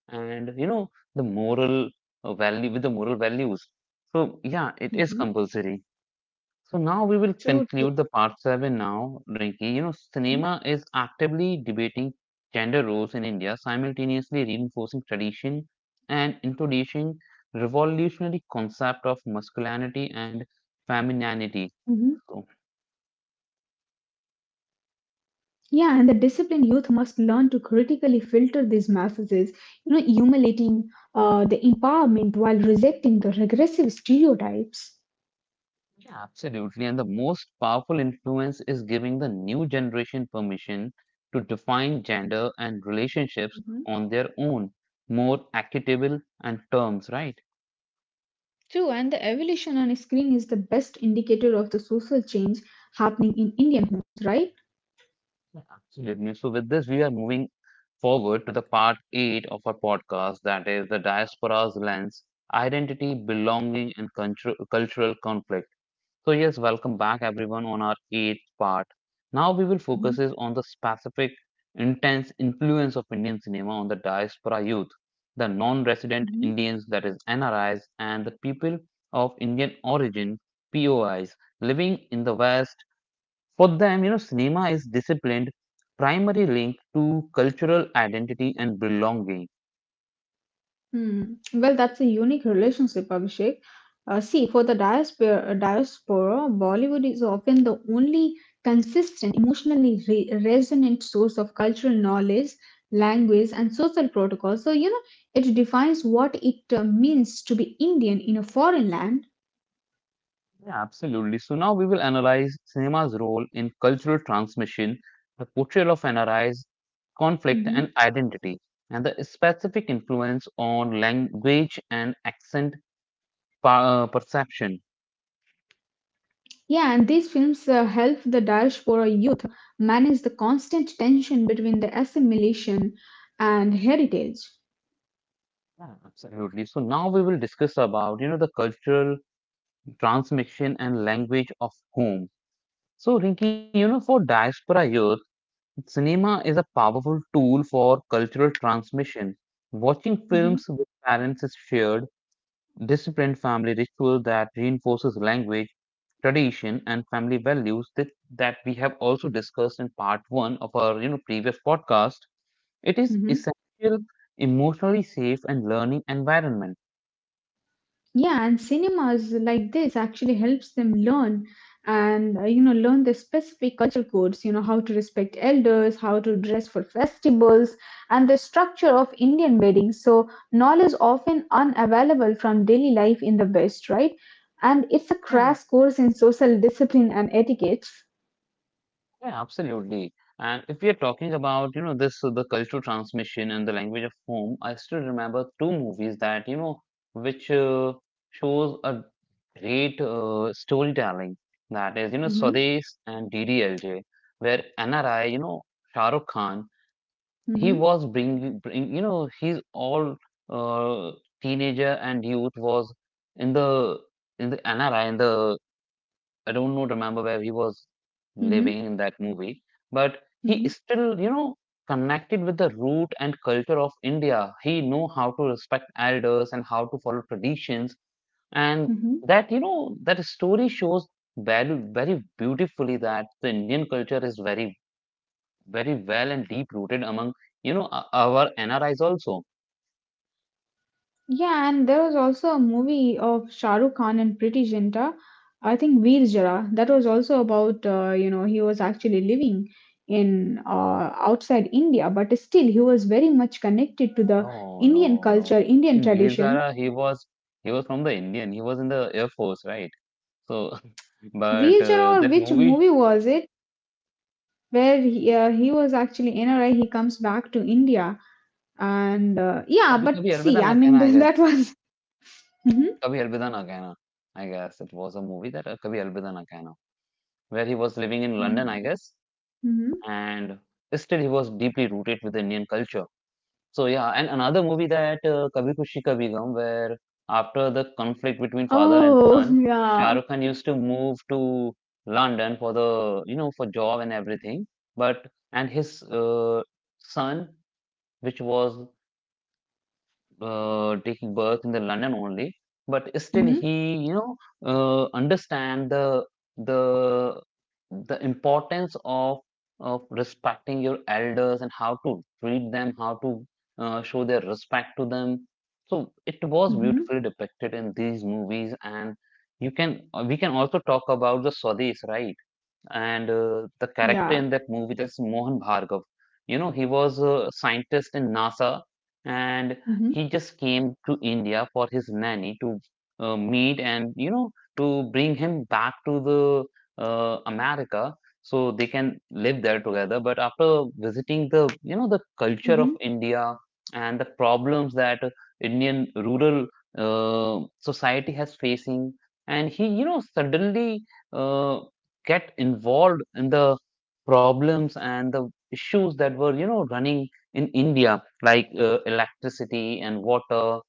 [SPEAKER 1] and, you know, the moral value with the moral values. So yeah, it is
[SPEAKER 2] mhm,
[SPEAKER 1] compulsory. So now we will
[SPEAKER 2] true, true.
[SPEAKER 1] conclude the part 7. Now Rinki, you know,
[SPEAKER 2] Mhm,
[SPEAKER 1] cinema is actively debating gender roles in India, simultaneously reinforcing tradition and introducing revolutionary concept of masculinity and
[SPEAKER 2] mhm.
[SPEAKER 1] femininity. So,
[SPEAKER 2] Yeah, and the disciplined youth must learn to critically filter these messages, you know, emulating the empowerment while rejecting the regressive stereotypes.
[SPEAKER 1] yeah, absolutely. And the most powerful influence is giving the new generation permission to define gender and relationships
[SPEAKER 2] Mhm.
[SPEAKER 1] on their own, more equitable and terms, right?
[SPEAKER 2] True, and the evolution on a screen is the best indicator of the social change happening in Indian homes, right?
[SPEAKER 1] Yeah, absolutely. So with this, we are moving forward to the part eight of our podcast, that is the diaspora's lens, identity, belonging, and cultural conflict. So yes, welcome back everyone on our eighth part. Now we will focus
[SPEAKER 2] Mhm.
[SPEAKER 1] is on the specific intense influence of Indian cinema on the diaspora youth, the non-resident
[SPEAKER 2] Mhm.
[SPEAKER 1] Indians, that is NRIs, and the people of Indian origin, POIs, living in the West. For them, you know, cinema is disciplined primary link to cultural identity and belonging.
[SPEAKER 2] Hmm. Well, that's a unique relationship, Abhishek. See, for the diaspora, Bollywood is often the only consistent, emotionally resonant source of cultural knowledge, language, and social protocol. So, you know, it defines what it means to be Indian in a foreign land.
[SPEAKER 1] Yeah, absolutely. So now we will analyze cinema's role in cultural transmission, the portrayal of NRIs, conflict,
[SPEAKER 2] Mhm.
[SPEAKER 1] and identity, and the specific influence on language and accent perception.
[SPEAKER 2] Yeah, and these films help the diaspora youth manage the constant tension between the assimilation and heritage.
[SPEAKER 1] Yeah, absolutely. So now we will discuss about, you know, the cultural transmission and language of home. So Rinki, you know, for diaspora youth, cinema is a powerful tool for cultural transmission. Watching films
[SPEAKER 2] Mhm.
[SPEAKER 1] with parents is shared disciplined family ritual that reinforces language, tradition, and family values that, that we have also discussed in part one of our, you know, previous podcast. It is
[SPEAKER 2] Mhm.
[SPEAKER 1] essential, emotionally safe, and learning environment.
[SPEAKER 2] Yeah, and cinemas like this actually helps them learn and learn the specific cultural codes, you know, how to respect elders, how to dress for festivals, and the structure of Indian weddings. So knowledge often unavailable from daily life in the West, right? And it's a
[SPEAKER 1] Yeah.
[SPEAKER 2] crash course in social discipline and etiquettes.
[SPEAKER 1] Yeah, absolutely. And if we are talking about, you know, this the cultural transmission and the language of home, I still remember two movies that, you know, which shows a great storytelling. That is, you know,
[SPEAKER 2] Mm-hmm,
[SPEAKER 1] Swades and DDLJ, where NRI, you know, Shah Rukh Khan, he
[SPEAKER 2] mm-hmm,
[SPEAKER 1] was you know, he's all uh, teenager and youth was in the in the NRI in the I don't know, remember where he was
[SPEAKER 2] mm-hmm,
[SPEAKER 1] living in that movie, but he
[SPEAKER 2] mm-hmm,
[SPEAKER 1] is still, you know, connected with the root and culture of India. He know how to respect elders and how to follow traditions, and
[SPEAKER 2] mm-hmm.
[SPEAKER 1] that, you know, that story shows very very beautifully that the Indian culture is very very well and deep rooted among, you know, our NRIs also.
[SPEAKER 2] Yeah, and there was also a movie of Shah Rukh Khan and Pretty Zinta. I think Veer Zara. That was also about he was actually living in outside India, but still he was very much connected to the
[SPEAKER 1] No,
[SPEAKER 2] Indian
[SPEAKER 1] no,
[SPEAKER 2] culture,
[SPEAKER 1] no.
[SPEAKER 2] Indian
[SPEAKER 1] In Veer
[SPEAKER 2] tradition.
[SPEAKER 1] Zara, he was from the Indian. He was in the Air Force, right? So,
[SPEAKER 2] Veer
[SPEAKER 1] but
[SPEAKER 2] Zara, or
[SPEAKER 1] that
[SPEAKER 2] which
[SPEAKER 1] movie,
[SPEAKER 2] movie was it? Where he was actually NRI, he comes back to India, and yeah,
[SPEAKER 1] Kabhi
[SPEAKER 2] but
[SPEAKER 1] Kabhi
[SPEAKER 2] see,
[SPEAKER 1] Alvida
[SPEAKER 2] I
[SPEAKER 1] Na
[SPEAKER 2] mean
[SPEAKER 1] Kehna, I
[SPEAKER 2] that
[SPEAKER 1] guess.
[SPEAKER 2] was. Hmm.
[SPEAKER 1] Kabhi Alvida Na Kehna, I guess. It was a movie that Kabhi Alvida Na Kehna, where he was living in London, I guess,
[SPEAKER 2] Hmm.
[SPEAKER 1] and still he was deeply rooted with Indian culture. So, yeah, and another movie that Kabhi Khushi Kabhi Gum, where after the conflict between father and
[SPEAKER 2] Oh
[SPEAKER 1] son, Shah
[SPEAKER 2] yeah.
[SPEAKER 1] Rukh Khan used to move to London for the, you know, for job and everything. But, and his son, which was taking birth in the London only, but still
[SPEAKER 2] Hmm.
[SPEAKER 1] he, you know, understand the the importance of respecting your elders and how to treat them, how to show their respect to them. So it was
[SPEAKER 2] Hmm.
[SPEAKER 1] beautifully depicted in these movies, and you can we can also talk about the Swadis, right? And the character
[SPEAKER 2] Yeah.
[SPEAKER 1] in that movie that's Mohan Bhargav. You know, he was a scientist in NASA, and
[SPEAKER 2] Mhm,
[SPEAKER 1] he just came to India for his nanny to meet, and, you know, to bring him back to the America so they can live there together. But after visiting the, you know, the culture of
[SPEAKER 2] mhm,
[SPEAKER 1] India and the problems that Indian rural society has facing, and he, you know, suddenly uh, get involved in the problems and the issues that were, you know, running in India, like electricity and water.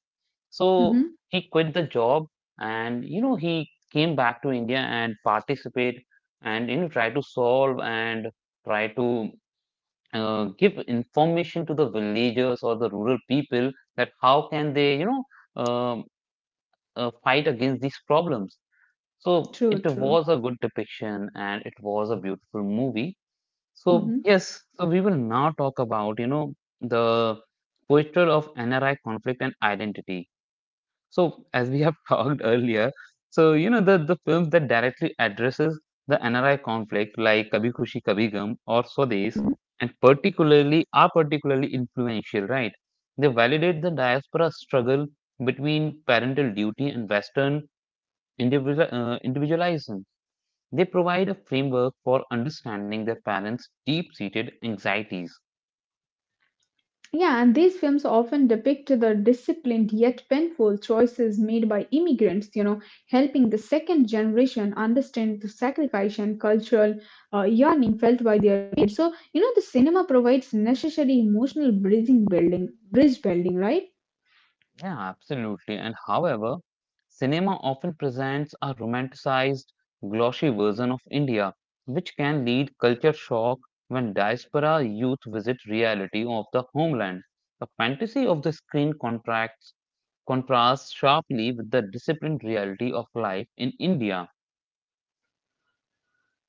[SPEAKER 1] So
[SPEAKER 2] mhm.
[SPEAKER 1] he quit the job, and, you know, he came back to India and participate and, you know, try to solve and try to give information to the villagers or the rural people that how can they, you know, um fight against these problems. So it
[SPEAKER 2] True, true.
[SPEAKER 1] was a good depiction and it was a beautiful movie. So
[SPEAKER 2] Mhm.
[SPEAKER 1] yes, so we will now talk about, you know, the posture of NRI conflict and identity. So as we have talked earlier, so, you know, the films that directly addresses the NRI conflict like Kabhi Khushi Kabhi Gum or Swades and particularly are particularly influential, right? They validate the diaspora struggle between parental duty and Western individualism. They provide a framework for understanding their parents' deep-seated anxieties.
[SPEAKER 2] Yeah, and these films often depict the disciplined yet painful choices made by immigrants, you know, helping the second generation understand the sacrifice and cultural yearning felt by their parents. So, you know, the cinema provides necessary bridge building, right?
[SPEAKER 1] Yeah, absolutely. And however, cinema often presents a romanticized, glossy version of India, which can lead culture shock when diaspora youth visit reality of the homeland. The fantasy of the screen contracts contrasts sharply with the disciplined reality of life in India.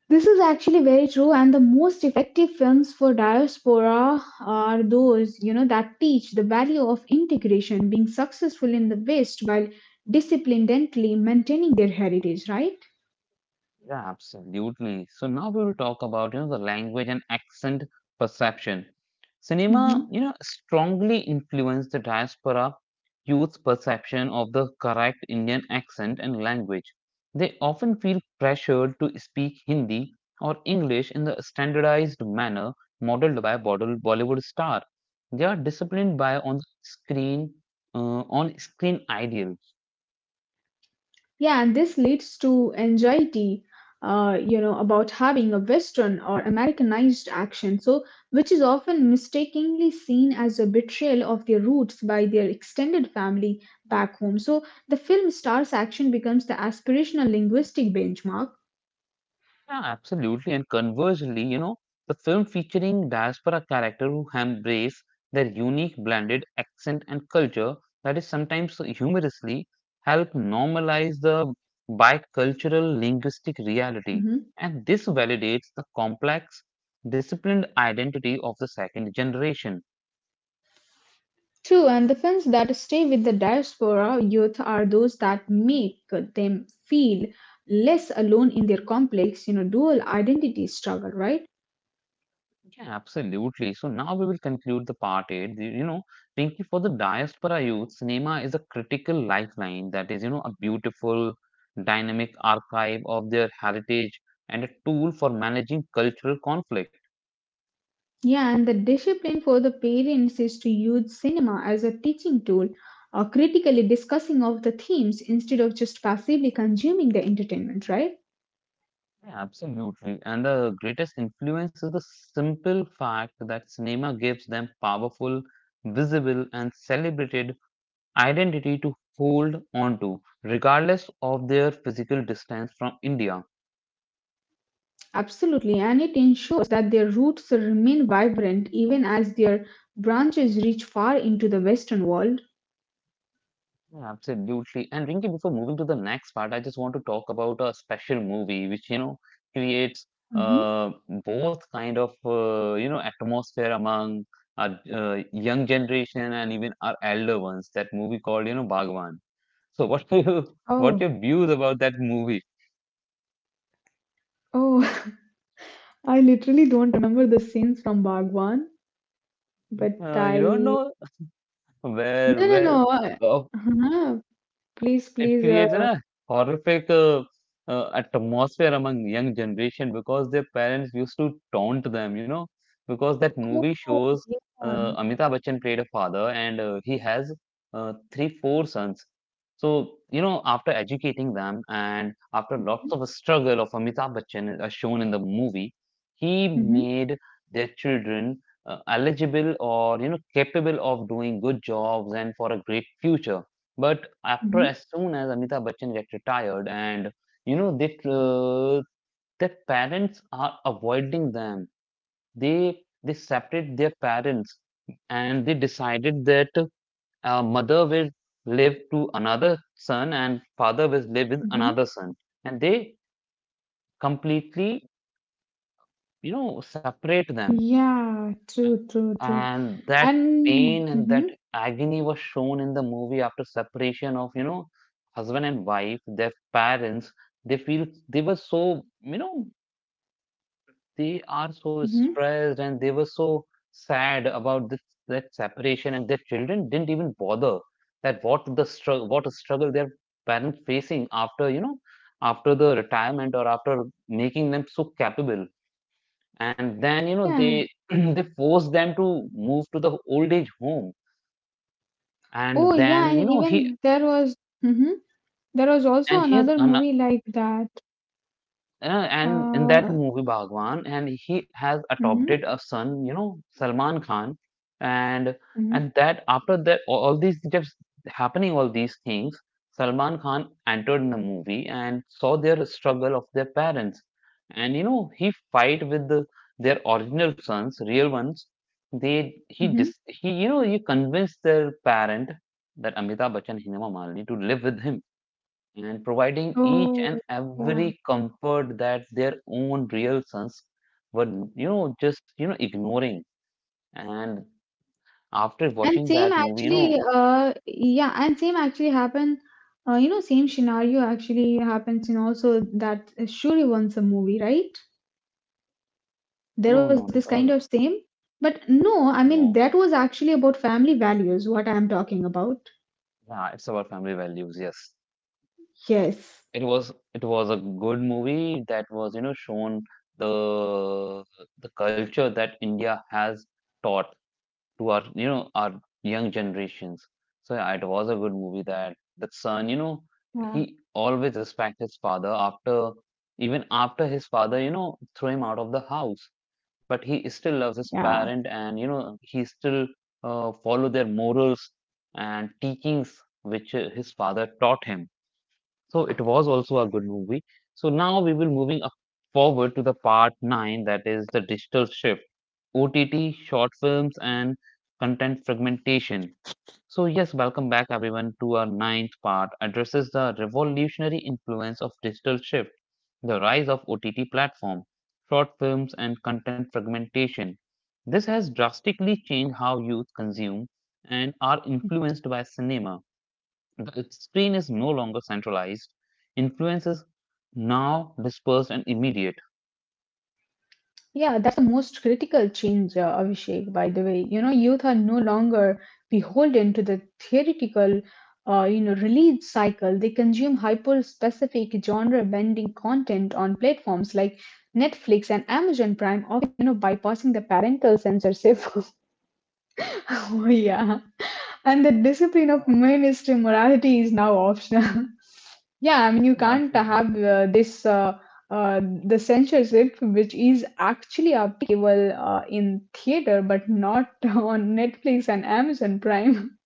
[SPEAKER 2] This is actually very true, and the most effective films for diaspora are those that teach the value of integration, being successful in the West while disciplinedly maintaining their heritage. Right?
[SPEAKER 1] Yeah, absolutely. So now we will talk about, you know, the language and accent perception. Cinema,
[SPEAKER 2] Mhm.
[SPEAKER 1] you know, strongly influenced the diaspora youth's perception of the correct Indian accent and language. They often feel pressured to speak Hindi or English in the standardized manner modeled by Bollywood star. They are disciplined by on screen ideal.
[SPEAKER 2] Yeah, and this leads to anxiety, about having a Western or Americanized accent, so which is often mistakenly seen as a betrayal of their roots by their extended family back home. So the film star's action becomes the aspirational linguistic benchmark.
[SPEAKER 1] Yeah, absolutely. And conversely, you know, the film featuring diaspora characters who embrace their unique blended accent and culture, that is sometimes so humorously, help normalize the bicultural linguistic reality.
[SPEAKER 2] Mhm.
[SPEAKER 1] And this validates the complex, disciplined identity of the second generation.
[SPEAKER 2] True, and the films that stay with the diaspora youth are those that make them feel less alone in their complex, you know, dual identity struggle, right?
[SPEAKER 1] Yeah, absolutely. So now we will conclude the part eight. You know, Pinky, for the diaspora youth, cinema is a critical lifeline, that is, you know, a beautiful, dynamic archive of their heritage and a tool for managing cultural conflict.
[SPEAKER 2] Yeah, and the discipline for the parents is to use cinema as a teaching tool or critically discussing of the themes instead of just passively consuming the entertainment, right?
[SPEAKER 1] Yeah, absolutely. And the greatest influence is the simple fact that cinema gives them powerful, visible, and celebrated identity to hold on to, regardless of their physical distance from India.
[SPEAKER 2] Absolutely, and it ensures that their roots remain vibrant even as their branches reach far into the Western world.
[SPEAKER 1] Yeah, absolutely. And Rinki, before moving to the next part, I just want to talk about a special movie which, you know, creates
[SPEAKER 2] Mhm.
[SPEAKER 1] uh, both kind of, you know, atmosphere among our young generation and even our elder ones. That movie called, you know, Bhagwan. So what do you,
[SPEAKER 2] Oh,
[SPEAKER 1] what your views about that movie?
[SPEAKER 2] oh, I literally don't remember the scenes from Bhagwan, but
[SPEAKER 1] You don't
[SPEAKER 2] I.
[SPEAKER 1] know where,
[SPEAKER 2] No, no,
[SPEAKER 1] where,
[SPEAKER 2] no. Uh,
[SPEAKER 1] uh,
[SPEAKER 2] huh, please,
[SPEAKER 1] it
[SPEAKER 2] please.
[SPEAKER 1] creates a horrific atmosphere among young generation because their parents used to taunt them, you know, because that movie
[SPEAKER 2] Oh,
[SPEAKER 1] shows Amitabh Bachchan played a father and he has three, four sons. So, you know, after educating them and after lots of struggle of Amitabh Bachchan as shown in the movie, he
[SPEAKER 2] yeah.
[SPEAKER 1] made their children uh, eligible or, you know, capable of doing good jobs and for a great future. But after,
[SPEAKER 2] Mhm,
[SPEAKER 1] as soon as Amitabh Bachchan get retired, and, you know, they their parents are avoiding them. They separate their parents, and they decided that mother will live to another son, and father will live with
[SPEAKER 2] mhm.
[SPEAKER 1] another son, and they completely, you know, separate them.
[SPEAKER 2] Yeah, true, true, true.
[SPEAKER 1] And that
[SPEAKER 2] And
[SPEAKER 1] pain and
[SPEAKER 2] mhm,
[SPEAKER 1] that agony was shown in the movie after separation of, you know, husband and wife, their parents, they feel they were so, you know, they are so
[SPEAKER 2] mhm,
[SPEAKER 1] stressed and they were so sad about this, that separation, and their children didn't even bother that what a struggle their parents facing after, you know, after the retirement or after making them so capable, and then, you know,
[SPEAKER 2] yeah.
[SPEAKER 1] they they force them to move to the old age home, and
[SPEAKER 2] Oh, yeah,
[SPEAKER 1] then, you
[SPEAKER 2] and
[SPEAKER 1] know, he
[SPEAKER 2] even there was mhm, there was also
[SPEAKER 1] and he has
[SPEAKER 2] another
[SPEAKER 1] an,
[SPEAKER 2] movie like that.
[SPEAKER 1] and in that
[SPEAKER 2] Uh,
[SPEAKER 1] movie Bhagwan, and he has adopted
[SPEAKER 2] mhm,
[SPEAKER 1] a son, you know, Salman Khan, and
[SPEAKER 2] mhm,
[SPEAKER 1] and that after that, all these just happening, all these things, Salman Khan entered in the movie and saw their struggle of their parents, and, you know, he fight with the, their original sons, real ones, they
[SPEAKER 2] mhm.
[SPEAKER 1] he, you know, you convince their parent, that Amitabh Bachchan, Hema Malini, to live with him, and providing each and
[SPEAKER 2] Oh, yeah.
[SPEAKER 1] every comfort that their own real sons were, you know, just, you know, ignoring. And after
[SPEAKER 2] And
[SPEAKER 1] watching
[SPEAKER 2] same
[SPEAKER 1] that movie, you know,
[SPEAKER 2] actually, yeah, and same actually happened. Same scenario actually happens in also that Shuri wants a movie, right?
[SPEAKER 1] no
[SPEAKER 2] There was
[SPEAKER 1] not
[SPEAKER 2] this
[SPEAKER 1] at
[SPEAKER 2] kind
[SPEAKER 1] all,
[SPEAKER 2] of same, but no, I mean,
[SPEAKER 1] no
[SPEAKER 2] that was actually about family values, what I'm talking about.
[SPEAKER 1] yeah it's about family values, yes,
[SPEAKER 2] Yes.
[SPEAKER 1] it was a good movie that was, you know, shown the the culture that India has taught to our, you know, our young generations. So yeah, it was a good movie that that son,
[SPEAKER 2] Yeah,
[SPEAKER 1] he always respect his father after even after his father, threw him out of the house. But he still loves his
[SPEAKER 2] yeah,
[SPEAKER 1] parent and he still follow their morals and teachings which his father taught him. So it was also a good movie. So now we will moving up forward to the part nine that is the digital shift OTT, short films, and content fragmentation. So, yes, welcome back everyone to our ninth part addresses the revolutionary influence of digital shift, the rise of OTT platform, short films, and content fragmentation. This has drastically changed how youth consume and are influenced by cinema. The screen is no longer centralized, influence is now dispersed and immediate.
[SPEAKER 2] yeah. That's the most critical change, Abhishek. By the way, you know, youth are no longer beholden to the theoretical, release cycle. They consume hyper-specific genre-bending content on platforms like Netflix and Amazon Prime, often, you know, bypassing the parental censorship. Oh yeah. And the discipline of
[SPEAKER 1] Yeah,
[SPEAKER 2] ministry morality is now optional. Yeah, I mean, you
[SPEAKER 1] yeah,
[SPEAKER 2] can't have
[SPEAKER 1] absolutely.
[SPEAKER 2] this uh, the censorship, which is actually applicable in theater, but not on Netflix and Amazon Prime.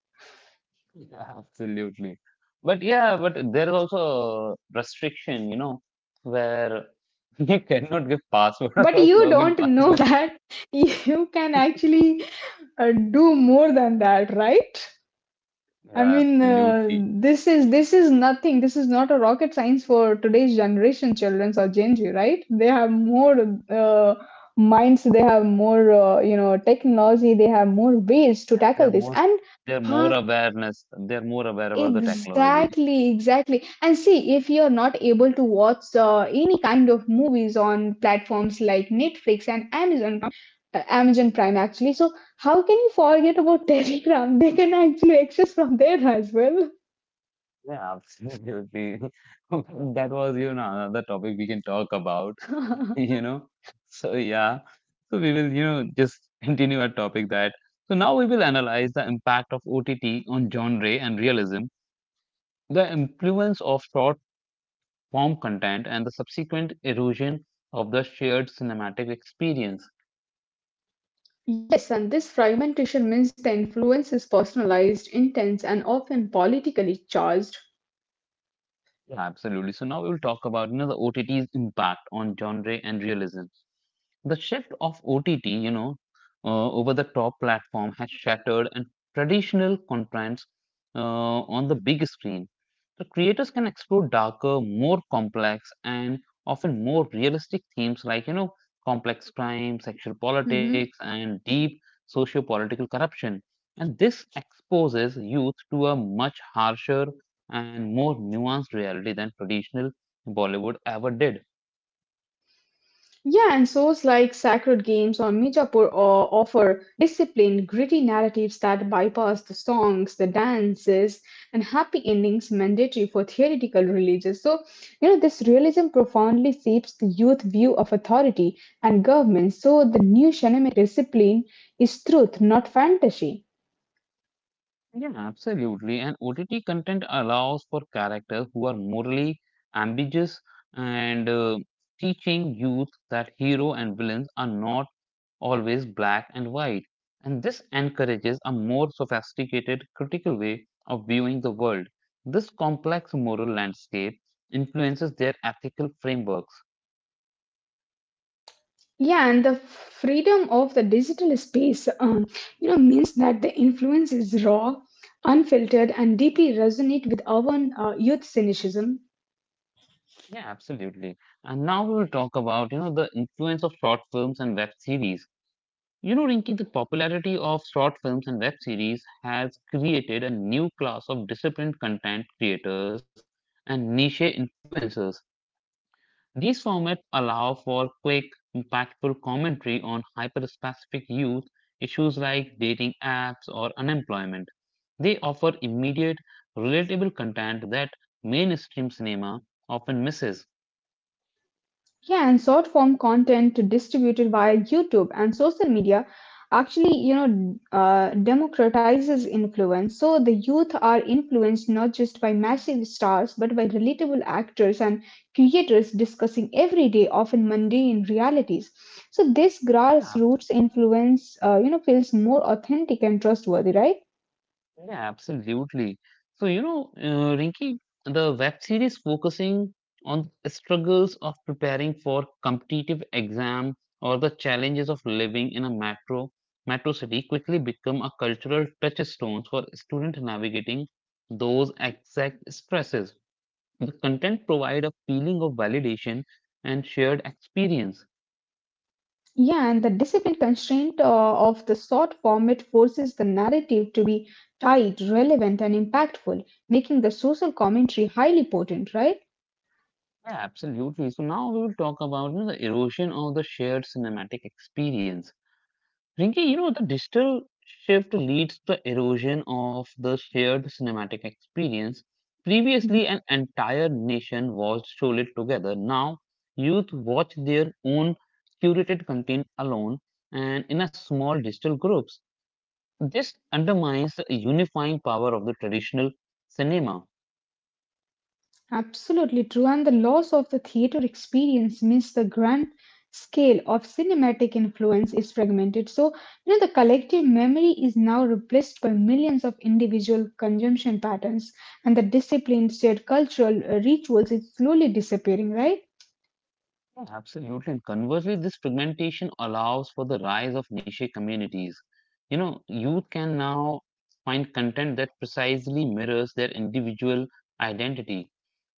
[SPEAKER 1] Yeah, absolutely. But yeah, but there's also a restriction, where you cannot give password
[SPEAKER 2] But
[SPEAKER 1] or
[SPEAKER 2] you
[SPEAKER 1] login
[SPEAKER 2] don't know
[SPEAKER 1] password.
[SPEAKER 2] that you can actually do more than that, right? I
[SPEAKER 1] Yeah,
[SPEAKER 2] mean,
[SPEAKER 1] absolutely.
[SPEAKER 2] this is nothing. This is not a rocket science for today's generation, children or Gen Z, right? They have more uh, minds. They have more, technology. They have more ways to
[SPEAKER 1] Yeah,
[SPEAKER 2] tackle this. And
[SPEAKER 1] they're more
[SPEAKER 2] huh,
[SPEAKER 1] awareness. They're more aware about the technology.
[SPEAKER 2] exactly, exactly. And see, if you're not able to watch any kind of movies on platforms like Netflix and Amazon, Amazon Prime, actually, so how can you forget about Telegram? They can actually access from there as well.
[SPEAKER 1] Yeah, absolutely. That was, another topic we can talk about, you know. So yeah. So we will, just continue our topic that. So now we will analyze the impact of OTT on genre and realism. The influence of short form content and the subsequent erosion of the shared cinematic experience.
[SPEAKER 2] Yes, and this fragmentation means the influence is personalized, intense, and often politically charged.
[SPEAKER 1] Yeah, absolutely. So now we will talk about the OTT's impact on genre and realism. The shift of OTT, over the top platform has shattered and traditional contents uh, on the big screen. The creators can explore darker, more complex, and often more realistic themes like complex crime, sexual
[SPEAKER 2] Mhm.
[SPEAKER 1] politics, and deep socio-political corruption. And this exposes youth to a much harsher and more nuanced reality than traditional Bollywood ever did.
[SPEAKER 2] Yeah, and shows like Sacred Games or Mijapur or offer disciplined, gritty narratives that bypass the songs, the dances, and happy endings mandatory for theoretical religious. So this realism profoundly shapes the youth view of authority and government. So, the new shamanic discipline is truth, not fantasy.
[SPEAKER 1] Yeah, absolutely. And OTT content allows for characters who are morally ambiguous and teaching youth that hero and villains are not always black and white. And this encourages a more sophisticated, critical way of viewing the world. This complex moral landscape influences their ethical frameworks.
[SPEAKER 2] Yeah, and the freedom of the digital space, means that the influence is raw, unfiltered, and deeply resonate with our youth cynicism.
[SPEAKER 1] Yeah, absolutely. And now we'll talk about, the influence of short films and web series. You know, Rinki, the popularity of short films and web series has created a new class of disciplined content creators and niche influencers. These formats allow for quick, impactful commentary on hyper-specific youth issues like dating apps or unemployment. They offer immediate, relatable content that mainstream cinema often misses.
[SPEAKER 2] Yeah, and short form content distributed via YouTube and social media actually democratizes influence. So the youth are influenced not just by massive stars, but by relatable actors and creators discussing everyday, often mundane realities. So this
[SPEAKER 1] Yeah,
[SPEAKER 2] grassroots influence, feels more authentic and trustworthy, right?
[SPEAKER 1] Yeah, absolutely. So, Rinki, the web series focusing on the struggles of preparing for competitive exam or the challenges of living in a metro city quickly become a cultural touchstone for students navigating those exact stresses. The content provide a feeling of validation and shared experience.
[SPEAKER 2] Yeah, and the discipline constraint of the short format forces the narrative to be tight, relevant, and impactful, making the social commentary highly potent, right?
[SPEAKER 1] Yeah, absolutely. So now we will talk about the erosion of the shared cinematic experience. Rinki, you know, the digital shift leads to erosion of the shared cinematic experience.
[SPEAKER 2] Mhm.
[SPEAKER 1] Previously, an entire nation watched Sholay together. Now, youth watch their own curated content alone and in a small digital groups. This undermines the unifying power of the traditional cinema.
[SPEAKER 2] Absolutely true. And the loss of the theater experience means the grand scale of cinematic influence is fragmented. So the collective memory is now replaced by millions of individual consumption patterns, and the disciplined shared cultural rituals is slowly disappearing, right?
[SPEAKER 1] Yeah, absolutely. And conversely, this fragmentation allows for the rise of niche communities. You know, youth can now find content that precisely mirrors their individual identity.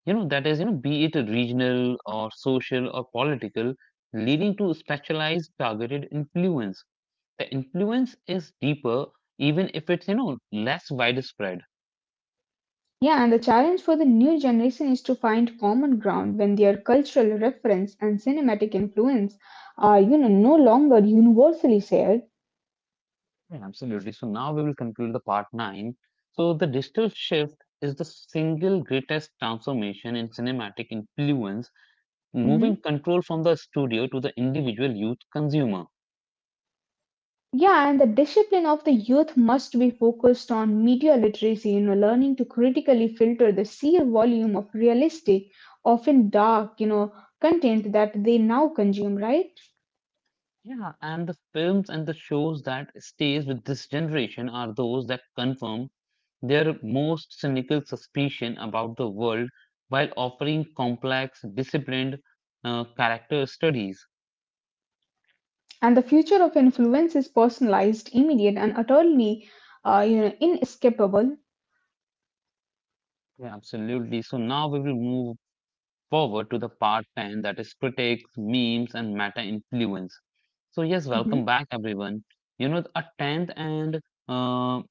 [SPEAKER 1] That is, be it a regional or social or political, leading to specialized targeted influence. The influence is deeper, even if it's, less widespread.
[SPEAKER 2] Yeah, and the challenge for the new generation is to find common ground when their cultural reference and cinematic influence are, no longer universally shared.
[SPEAKER 1] Yeah, absolutely. So now we will conclude the part nine. So the digital shift is the single greatest transformation in cinematic influence,
[SPEAKER 2] Hmm.
[SPEAKER 1] moving control from the studio to the individual youth consumer.
[SPEAKER 2] Yeah, and the discipline of the youth must be focused on media literacy, you know, learning to critically filter the sheer volume of realistic, often dark, content that they now consume, right?
[SPEAKER 1] Yeah, and the films and the shows that stays with this generation are those that confirm their most cynical suspicion about the world while offering complex, disciplined character studies.
[SPEAKER 2] And the future of influence is personalized, immediate, and utterly, inescapable.
[SPEAKER 1] Yeah, absolutely. So now we will move forward to the part 10 that is critiques memes, and meta influence. So, yes, welcome
[SPEAKER 2] Mhm.
[SPEAKER 1] back, everyone. You know, a 10th and uh,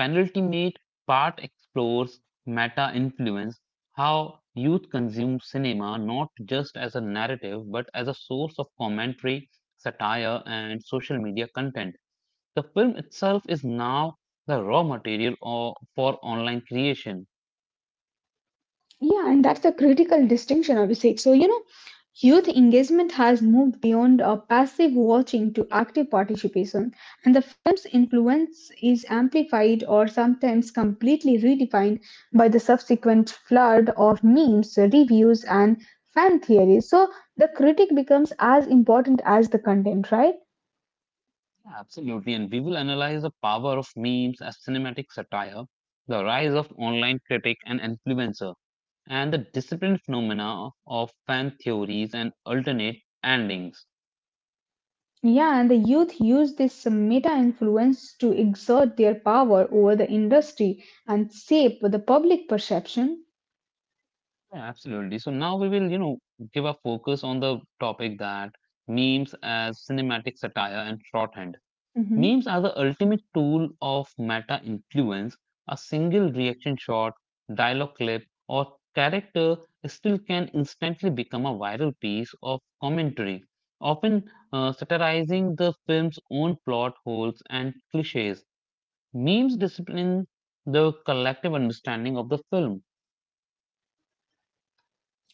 [SPEAKER 1] penultimate part explores meta influence, how youth consume cinema not just as a narrative but as a source of commentary, satire, and social media content. The film itself is now the raw material or, for online creation.
[SPEAKER 2] Yeah, and that's a critical distinction, Abhishek. So youth engagement has moved beyond a passive watching to active participation, and the film's influence is amplified or sometimes completely redefined by the subsequent flood of memes, reviews, and fan theories. So, the critic becomes as important as the content, right?
[SPEAKER 1] Yeah, absolutely. And we will analyze the power of memes as cinematic satire, the rise of online critic and influencer, and the disciplined phenomena of fan theories and alternate endings.
[SPEAKER 2] Yeah, and the youth use this meta influence to exert their power over the industry and shape the public perception.
[SPEAKER 1] Yeah, absolutely. So now we will, give a focus on the topic that memes as cinematic satire and shorthand.
[SPEAKER 2] Mm-hmm.
[SPEAKER 1] Memes are the ultimate tool of meta influence. A single reaction shot, dialogue clip, or character still can instantly become a viral piece of commentary, often satirizing the film's own plot holes and cliches. Memes discipline the collective understanding of the film.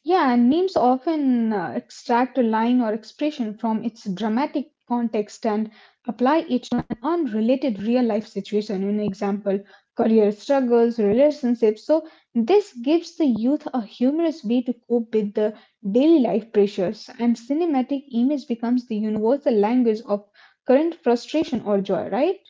[SPEAKER 2] Yeah, and names often extract a line or expression from its dramatic context and apply it to an unrelated real life situation. An example, career struggles, relationships. So, this gives the youth a humorous way to cope with the daily life pressures, and cinematic image becomes the universal language of current frustration or joy, right?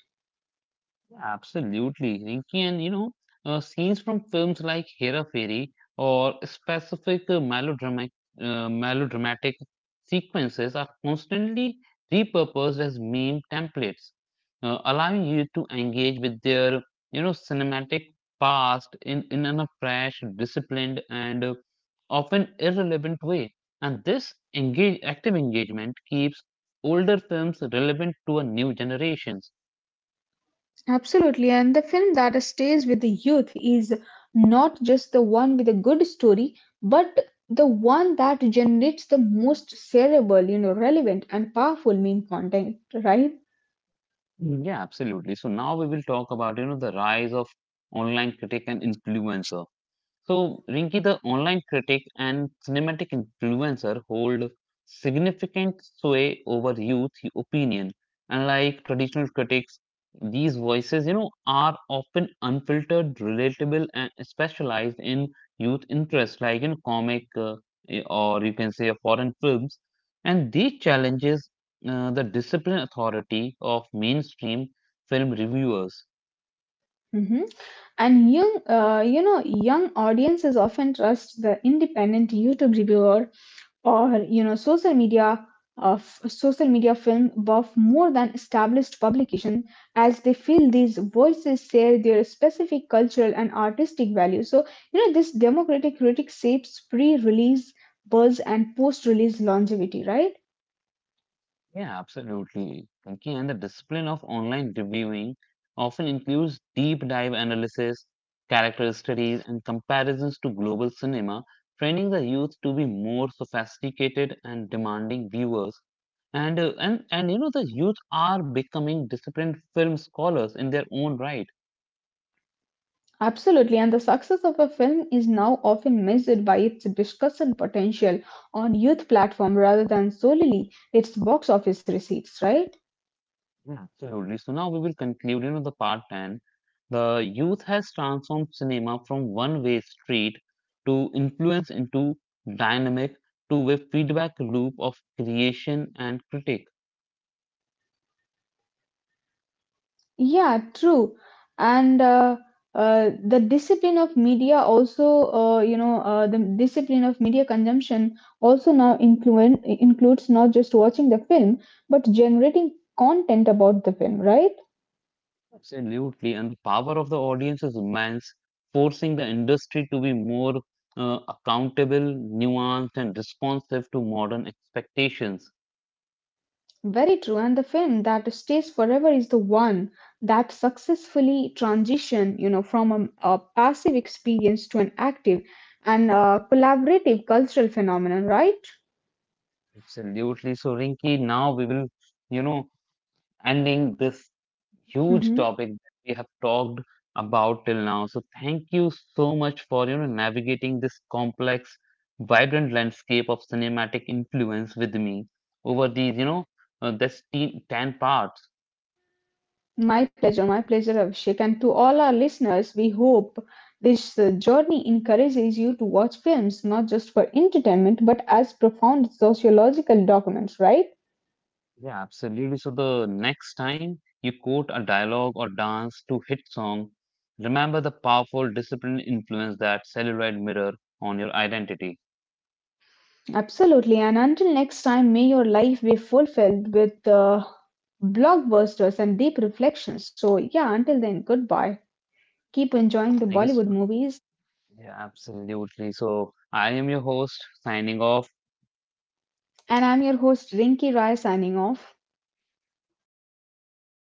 [SPEAKER 1] Absolutely, Rinki, and scenes from films like Hera Fairy or specific melodramatic sequences are constantly repurposed as meme templates, allowing you to engage with their, cinematic past in a fresh, disciplined, and often irrelevant way. And active engagement keeps older films relevant to a new generation.
[SPEAKER 2] Absolutely, and the film that stays with the youth is not just the one with a good story, but the one that generates the most cerebral, relevant and powerful meme content, right?
[SPEAKER 1] Yeah, absolutely. So now we will talk about, the rise of online critic and influencer. So, Rinki, the online critic and cinematic influencer hold significant sway over youth opinion. Unlike traditional critics, these voices, you know, are often unfiltered, relatable, and specialized in youth interests, like in comic or you can say foreign films. And these challenges the discipline authority of mainstream film reviewers.
[SPEAKER 2] Hmm. And young, young audiences often trust the independent YouTube reviewer or social media social media film buff more than established publication as they feel these voices share their specific cultural and artistic value. So, this democratic critic shapes pre-release buzz and post-release longevity, right?
[SPEAKER 1] Yeah, absolutely. Pinky, and the discipline of online reviewing often includes deep dive analysis, character studies, and comparisons to global cinema, training the youth to be more sophisticated and demanding viewers. And the youth are becoming disciplined film scholars in their own right.
[SPEAKER 2] Absolutely, and the success of a film is now often measured by its discussion potential on youth platform rather than solely its box office receipts, right?
[SPEAKER 1] Yeah, absolutely. So now we will conclude, the part 10. The youth has transformed cinema from one-way street to influence into dynamic to a feedback loop of creation and critique.
[SPEAKER 2] Yeah, true. And the discipline of media also, the discipline of media consumption also now includes not just watching the film, but generating content about the film, right?
[SPEAKER 1] Absolutely. And the power of the audience is immense, forcing the industry to be more accountable, nuanced, and responsive to modern expectations.
[SPEAKER 2] Very true. And the film that stays forever is the one that successfully transition, from a passive experience to an active and collaborative cultural phenomenon, right?
[SPEAKER 1] Absolutely. So, Rinki, now we will, you know, ending this huge
[SPEAKER 2] Mhm.
[SPEAKER 1] topic that we have talked about till now. So thank you so much for navigating this complex, vibrant landscape of cinematic influence with me over these ten parts.
[SPEAKER 2] My pleasure, Abhishek. And to all our listeners, we hope this journey encourages you to watch films not just for entertainment but as profound sociological documents, right?
[SPEAKER 1] Yeah, absolutely. So the next time you quote a dialogue or dance to hit song, remember the powerful disciplined influence that celluloid mirror on your identity.
[SPEAKER 2] Absolutely. And until next time, may your life be fulfilled with blockbusters and deep reflections. So, yeah, until then, goodbye. Keep enjoying the
[SPEAKER 1] I guess
[SPEAKER 2] Bollywood movies.
[SPEAKER 1] yeah, absolutely. So I am your host signing off.
[SPEAKER 2] And I'm your host, Rinki Rai, signing off.